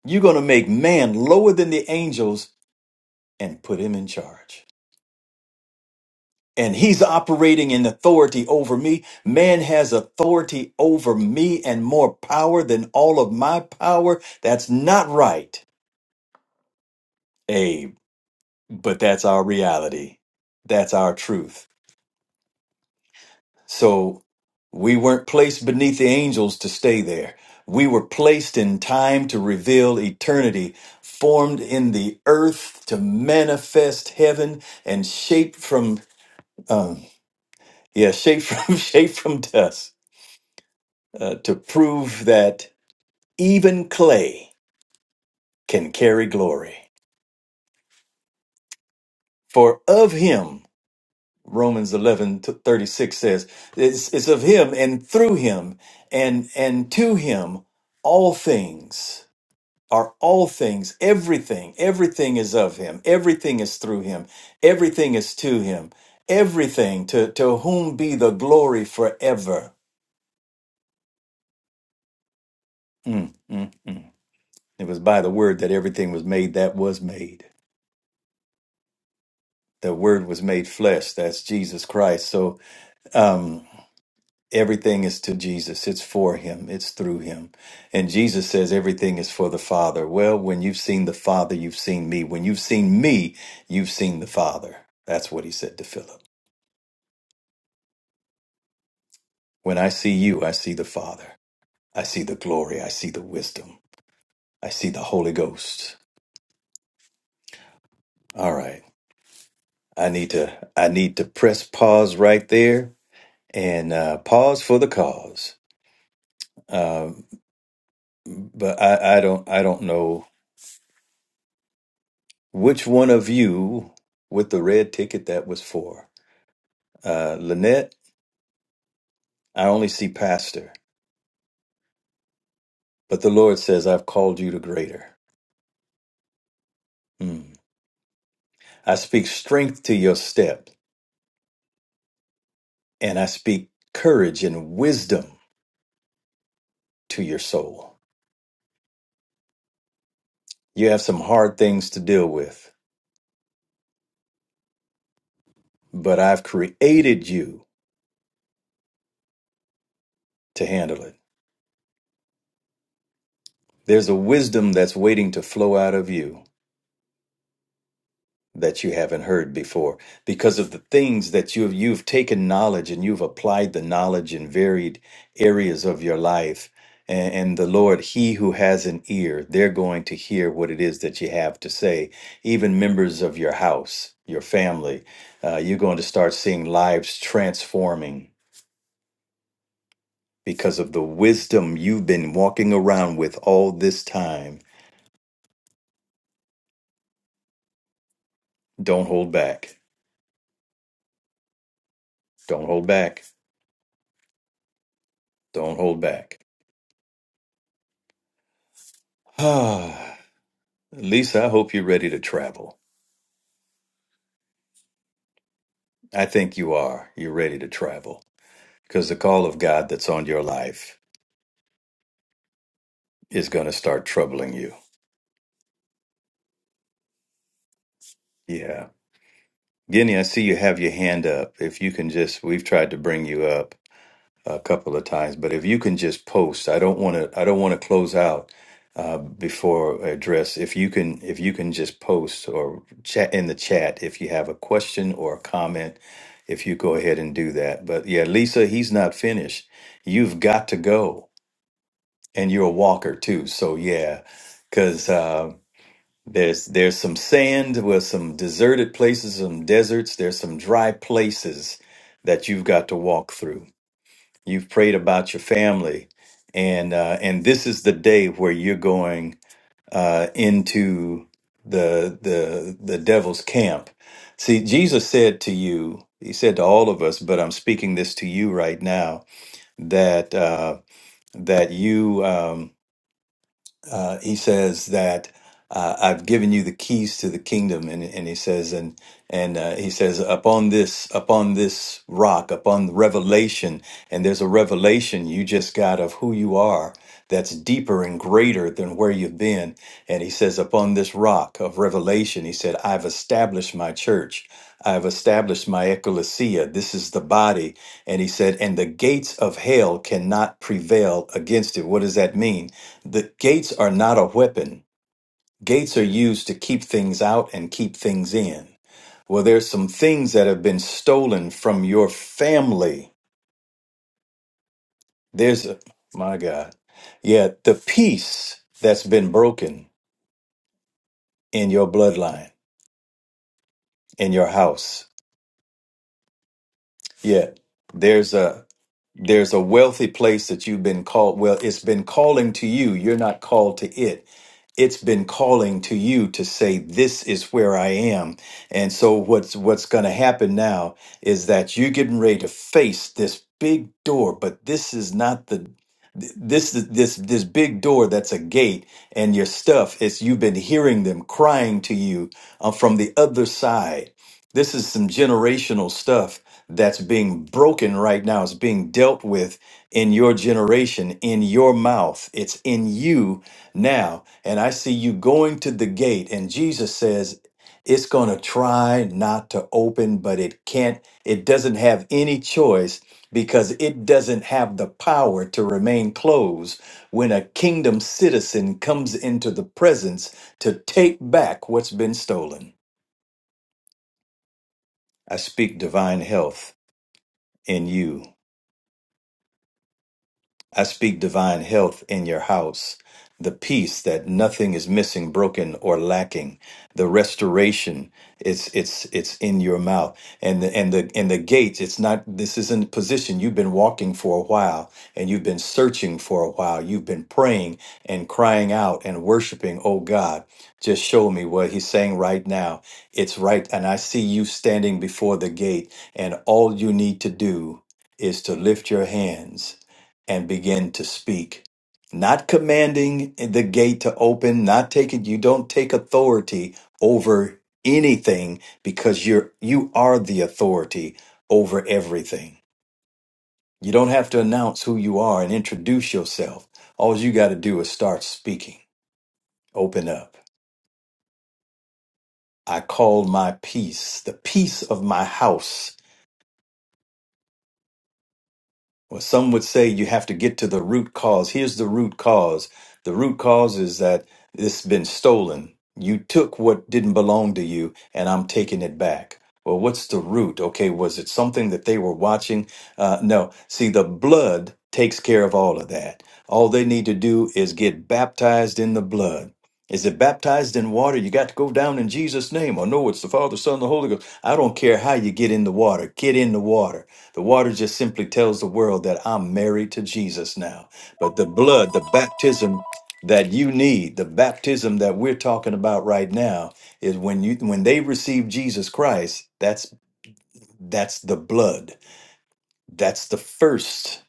C: You're going to make man lower than the angels and put him in charge. And he's operating in authority over me. Man has authority over me and more power than all of my power. That's not right, Abe, but that's our reality. That's our truth. So we weren't placed beneath the angels to stay there. We were placed in time to reveal eternity, formed in the earth to manifest heaven, and shaped from um, yeah, shaped from shaped from dust uh, to prove that even clay can carry glory. For of him, Romans eleven thirty six says, it's, it's of him and through him and and to him all things are all things, everything, everything is of him, everything is through him, everything is to him, everything to, to whom be the glory forever. Mm, mm, mm. It was by the word that everything was made that was made. The word was made flesh, that's Jesus Christ. So um, everything is to Jesus, it's for him, it's through him. And Jesus says everything is for the Father. Well, when you've seen the Father, you've seen me. When you've seen me, you've seen the Father. That's what he said to Philip. When I see you, I see the Father. I see the glory. I see the wisdom. I see the Holy Ghost. All right. I need to I need to press pause right there and uh, pause for the cause. Um, but I, I don't I don't know which one of you with the red ticket that was for. Uh, Lynette, I only see pastor, but the Lord says I've called you to greater. Mm. I speak strength to your step and I speak courage and wisdom to your soul. You have some hard things to deal with, but I've created you to handle it. There's a wisdom that's waiting to flow out of you that you haven't heard before because of the things that you've you've taken knowledge and you've applied the knowledge in varied areas of your life. And, and the Lord, He who has an ear, they're going to hear what it is that you have to say. Even members of your house, your family, uh, you're going to start seeing lives transforming because of the wisdom you've been walking around with all this time. Don't hold back. Don't hold back. Don't hold back. Ah, Lisa, I hope you're ready to travel. I think you are. You're ready to travel because the call of God that's on your life is going to start troubling you. Yeah. Guinea, I see you have your hand up. If you can just, we've tried to bring you up. a couple of times, but if you can just post, I don't want to I don't want to close out uh, before I address. If you can if you can just post or chat in the chat if you have a question or a comment, if you go ahead and do that. But yeah, Lisa, he's not finished. You've got to go, and you're a walker too. So yeah, because. Uh, there's there's some sand with some deserted places, some deserts. There's some dry places that you've got to walk through. You've prayed about your family, and uh, and this is the day where you're going uh, into the the the devil's camp. See, Jesus said to you, He said to all of us, but I'm speaking this to you right now that uh, that you. Um, uh, he says that uh, I've given you the keys to the kingdom, and and he says and and uh, he says upon this upon this rock upon the revelation, and there's a revelation you just got of who you are that's deeper and greater than where you've been. And he says upon this rock of revelation, he said I've established my church. I've established my ecclesia. This is the body. And he said, and the gates of hell cannot prevail against it. What does that mean? The gates are not a weapon. Gates are used to keep things out and keep things in. Well, there's some things that have been stolen from your family. There's a, my God. Yeah, the peace that's been broken in your bloodline, in your house. Yeah. There's a There's a wealthy place that you've been called. Well, it's been calling to you. You're not called to it. It's been calling to you to say, "This is where I am." And so, what's what's going to happen now is that you're getting ready to face this big door, but this is not the th- this this this big door that's a gate and your stuff is you've been hearing them crying to you uh, from the other side this is some generational stuff that's being broken right now. It's being dealt with in your generation, in your mouth. It's in you now. And I see you going to the gate, and Jesus says, it's going to try not to open, but it can't, it doesn't have any choice because it doesn't have the power to remain closed when a kingdom citizen comes into the presence to take back what's been stolen. I speak divine health in you. I speak divine health in your house, the peace that nothing is missing, broken, or lacking. The restoration, it's it's it's in your mouth. And the and the and the gates, it's not this isn't position. You've been walking for a while and you've been searching for a while. You've been praying and crying out and worshiping, oh God, just show me what he's saying right now. It's right, and I see you standing before the gate, and all you need to do is to lift your hands and begin to speak. Not commanding the gate to open, not taking, you don't take authority over anything because you're, you are the authority over everything. You don't have to announce who you are and introduce yourself. All you got to do is start speaking. Open up. I called my peace, the peace of my house Well, some would say you have to get to the root cause. Here's the root cause. The root cause is that it's been stolen. You took what didn't belong to you, and I'm taking it back. Well, what's the root? Okay, was it something that they were watching? Uh, no. See, the blood takes care of all of that. All they need to do is get baptized in the blood. Is it baptized in water? You got to go down in Jesus' name. Or no, it's the Father, Son, the Holy Ghost. I don't care how you get in the water. Get in the water the water just simply tells the world that I'm married to Jesus now. But the blood, the baptism that you need, the baptism that we're talking about right now is when you when they receive Jesus Christ, that's that's the blood. That's the first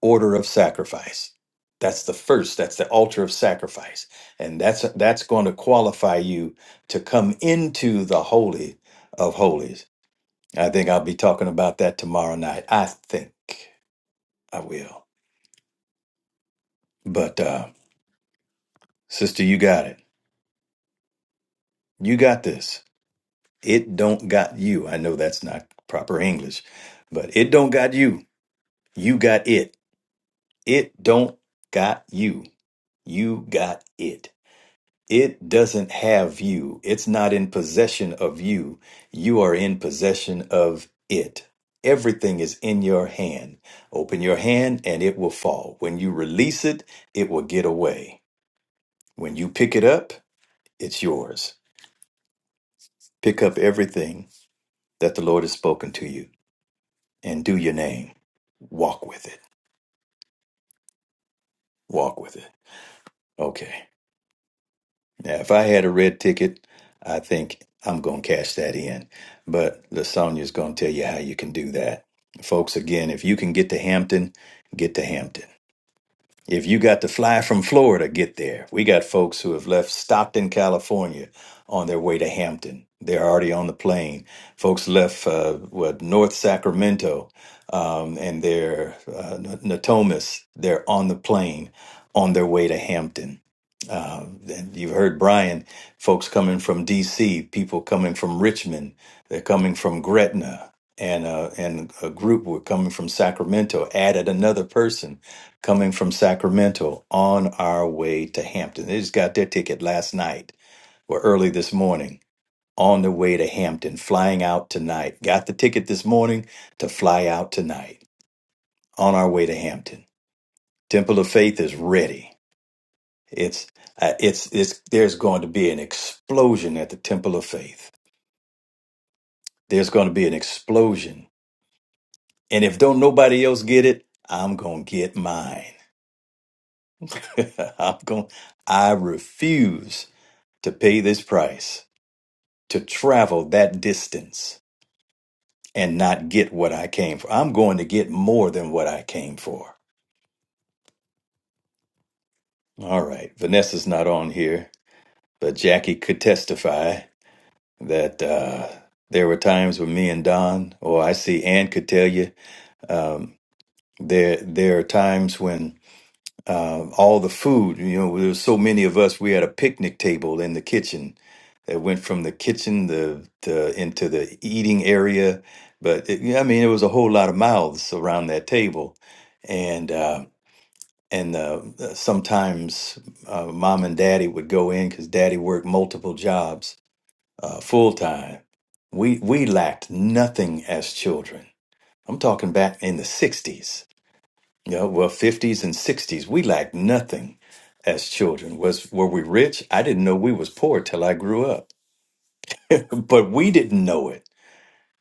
C: order of sacrifice. That's the first, that's the altar of sacrifice. And that's that's going to qualify you to come into the holy of holies. I think I'll be talking about that tomorrow night. I think. I will. But uh sister, you got it. You got this. It don't got you. I know that's not proper English, but it don't got you. You got it. It don't got you. You got it. It doesn't have you. It's not in possession of you. You are in possession of it. Everything is in your hand. Open your hand and it will fall. When you release it, it will get away. When you pick it up, it's yours. Pick up everything that the Lord has spoken to you and do your name. Walk with it. Walk with it. Okay. Now, if I had a red ticket, I think I'm going to cash that in. But Lasagna's going to tell you how you can do that. Folks, again, if you can get to Hampton, get to Hampton. If you got to fly from Florida, get there. We got folks who have left Stockton, California on their way to Hampton. They're already on the plane. Folks left uh, what, North Sacramento um, and they're uh, N- Natomas. They're on the plane on their way to Hampton uh, and you've heard Brian, folks coming from D.C., people coming from Richmond, they're coming from Gretna, and uh, and a group were coming from Sacramento. Added another person coming from Sacramento on our way to Hampton. They just got their ticket last night or early this morning on the way to Hampton, flying out tonight. Got the ticket this morning to fly out tonight on our way to Hampton. Temple of Faith is ready. It's uh, it's it's there's going to be an explosion at the temple of faith. There's going to be an explosion, and if don't nobody else get it, I'm gonna get mine. I'm going. I refuse to pay this price to travel that distance and not get what I came for. I'm going to get more than what I came for. All right, Vanessa's not on here, but Jackie could testify that uh, there were times when me and Don, or I see Ann could tell you There, there are times when uh, all the food, you know, there was so many of us. We had a picnic table in the kitchen that went from the kitchen the, the into the eating area. But it, yeah, I mean, there was a whole lot of mouths around that table, and uh, and uh, sometimes uh, mom and daddy would go in because daddy worked multiple jobs uh, full time. We we lacked nothing as children. I'm talking back in the '60s yeah, well, 50s and 60s, we lacked nothing as children. Was were we rich? I didn't know we was poor till I grew up. But we didn't know it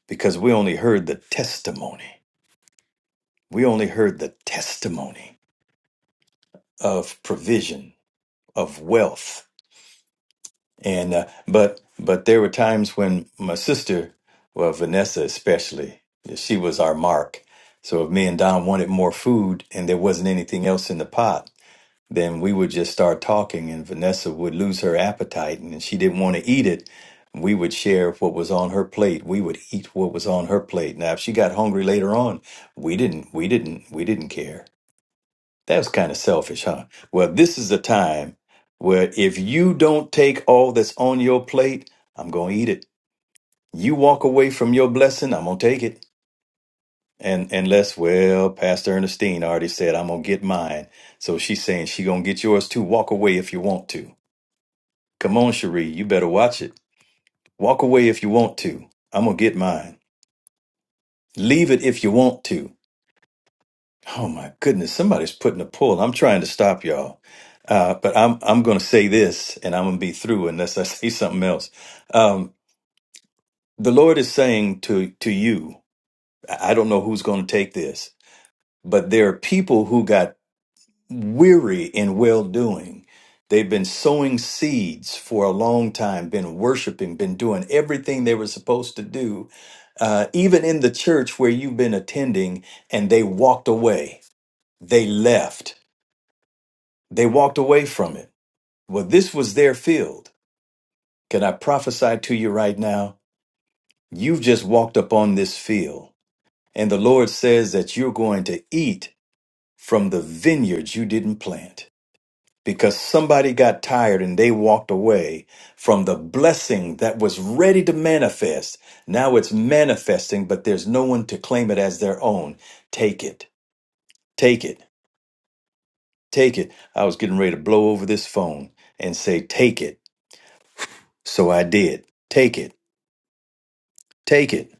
C: because we only heard the testimony. We only heard the testimony of provision, of wealth. And uh, but but there were times when my sister, well, Vanessa especially, she was our mark. So if me and Don wanted more food and there wasn't anything else in the pot, then we would just start talking and Vanessa would lose her appetite and she didn't want to eat it. We would share what was on her plate. We would eat what was on her plate. Now if she got hungry later on, we didn't we didn't we didn't care. That was kind of selfish, huh? Well, this is a time where if you don't take all that's on your plate, I'm going to eat it. You walk away from your blessing, I'm going to take it. And unless, well, Pastor Ernestine already said I'm going to get mine. So she's saying she going to get yours too. Walk away if you want to. Come on, Cherie, you better watch it. Walk away if you want to. I'm gonna get mine. Leave it if you want to. Oh my goodness, somebody's putting a pull. I'm trying to stop y'all, uh, but I'm I'm gonna say this, and I'm gonna be through unless I say something else. Um, the Lord is saying to to you, I I don't know who's gonna take this, but there are people who got weary in well doing. They've been sowing seeds for a long time, been worshiping, been doing everything they were supposed to do, uh, even in the church where you've been attending, and they walked away. They left. They walked away from it. Well, this was their field. Can I prophesy to you right now? You've just walked up on this field, and the Lord says that you're going to eat from the vineyards you didn't plant. because somebody got tired and they walked away from the blessing that was ready to manifest. Now it's manifesting, but there's no one to claim it as their own. Take it, take it, take it. I was getting ready to blow over this phone and say, Take it. So I did. Take it, take it.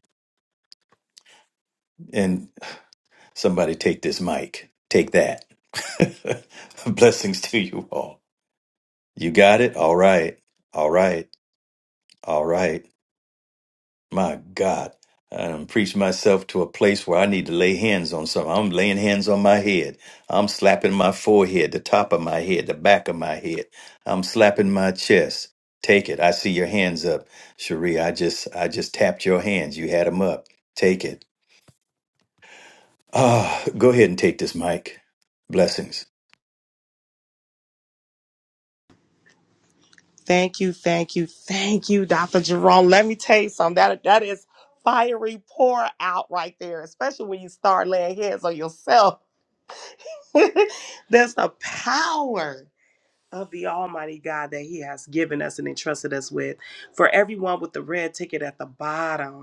C: And somebody take this mic, take that. Blessings to you all. You got it? All right, all right, all right. My God, I'm preaching myself to a place where I need to lay hands on something. I'm laying hands on my head. I'm slapping my forehead, the top of my head, the back of my head. I'm slapping my chest. Take it. I see your hands up, Cherie. I just, I just tapped your hands. You had them up. Take it. Ah, go ahead and take this, Mike. Blessings.
A: Thank you, thank you, thank you, Dr. Jerome. Let me tell you something. That that is fiery pour out right there, especially when you start laying hands on yourself. That's the power of the Almighty God that He has given us and entrusted us with. For everyone with the red ticket at the bottom.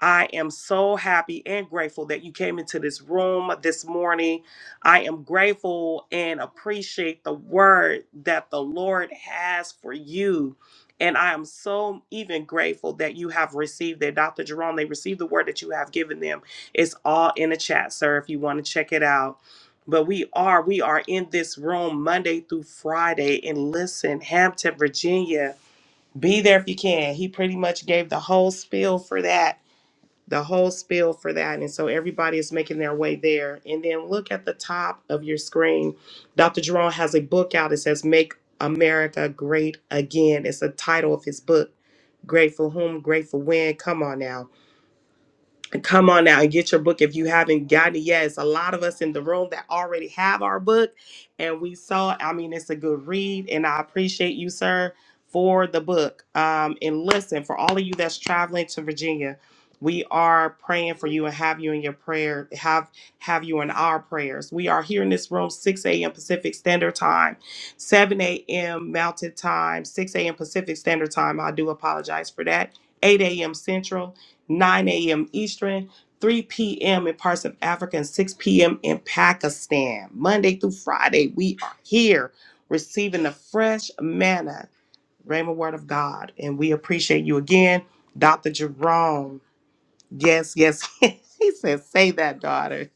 A: I am so happy and grateful that you came into this room this morning. I am grateful and appreciate the word that the Lord has for you. And I am so even grateful that you have received that. Dr. Jerome, they received the word that you have given them. It's all in the chat, sir, if you want to check it out. But we are, we are in this room Monday through Friday. And listen, Hampton, Virginia, be there if you can. He pretty much gave the whole spiel for that the whole spiel for that. And so everybody is making their way there. And then look at the top of your screen. Dr. Jerome has a book out. It says Make America Great Again. It's the title of his book. Grateful whom, grateful when. Come on now Come on now and get your book if you haven't gotten it yet. It's a lot of us in the room that already have our book, and we saw. I mean, it's a good read, and I appreciate you, sir, for the book. Um, and listen, for all of you that's traveling to Virginia, we are praying for you and have you in your prayer, have have you in our prayers. We are here in this room 6 a.m. Pacific Standard Time, 7 a.m. Mountain Time, 6 a.m. Pacific Standard Time. I do apologize for that. 8 a.m. Central. 9 a.m. Eastern, 3 p.m. in parts of Africa, and 6 p.m. in Pakistan. Monday through Friday, we are here receiving the fresh manna, Rhema Word of God. And we appreciate you again, Dr. Jerome. Yes, yes. he said, say that, daughter.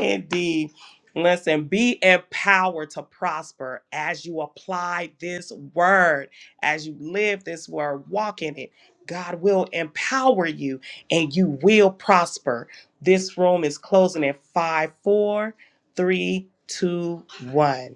A: Indeed. Listen, be empowered to prosper as you apply this word, as you live this word, walk in it. God will empower you and you will prosper. This room is closing at five, four, three, two, one.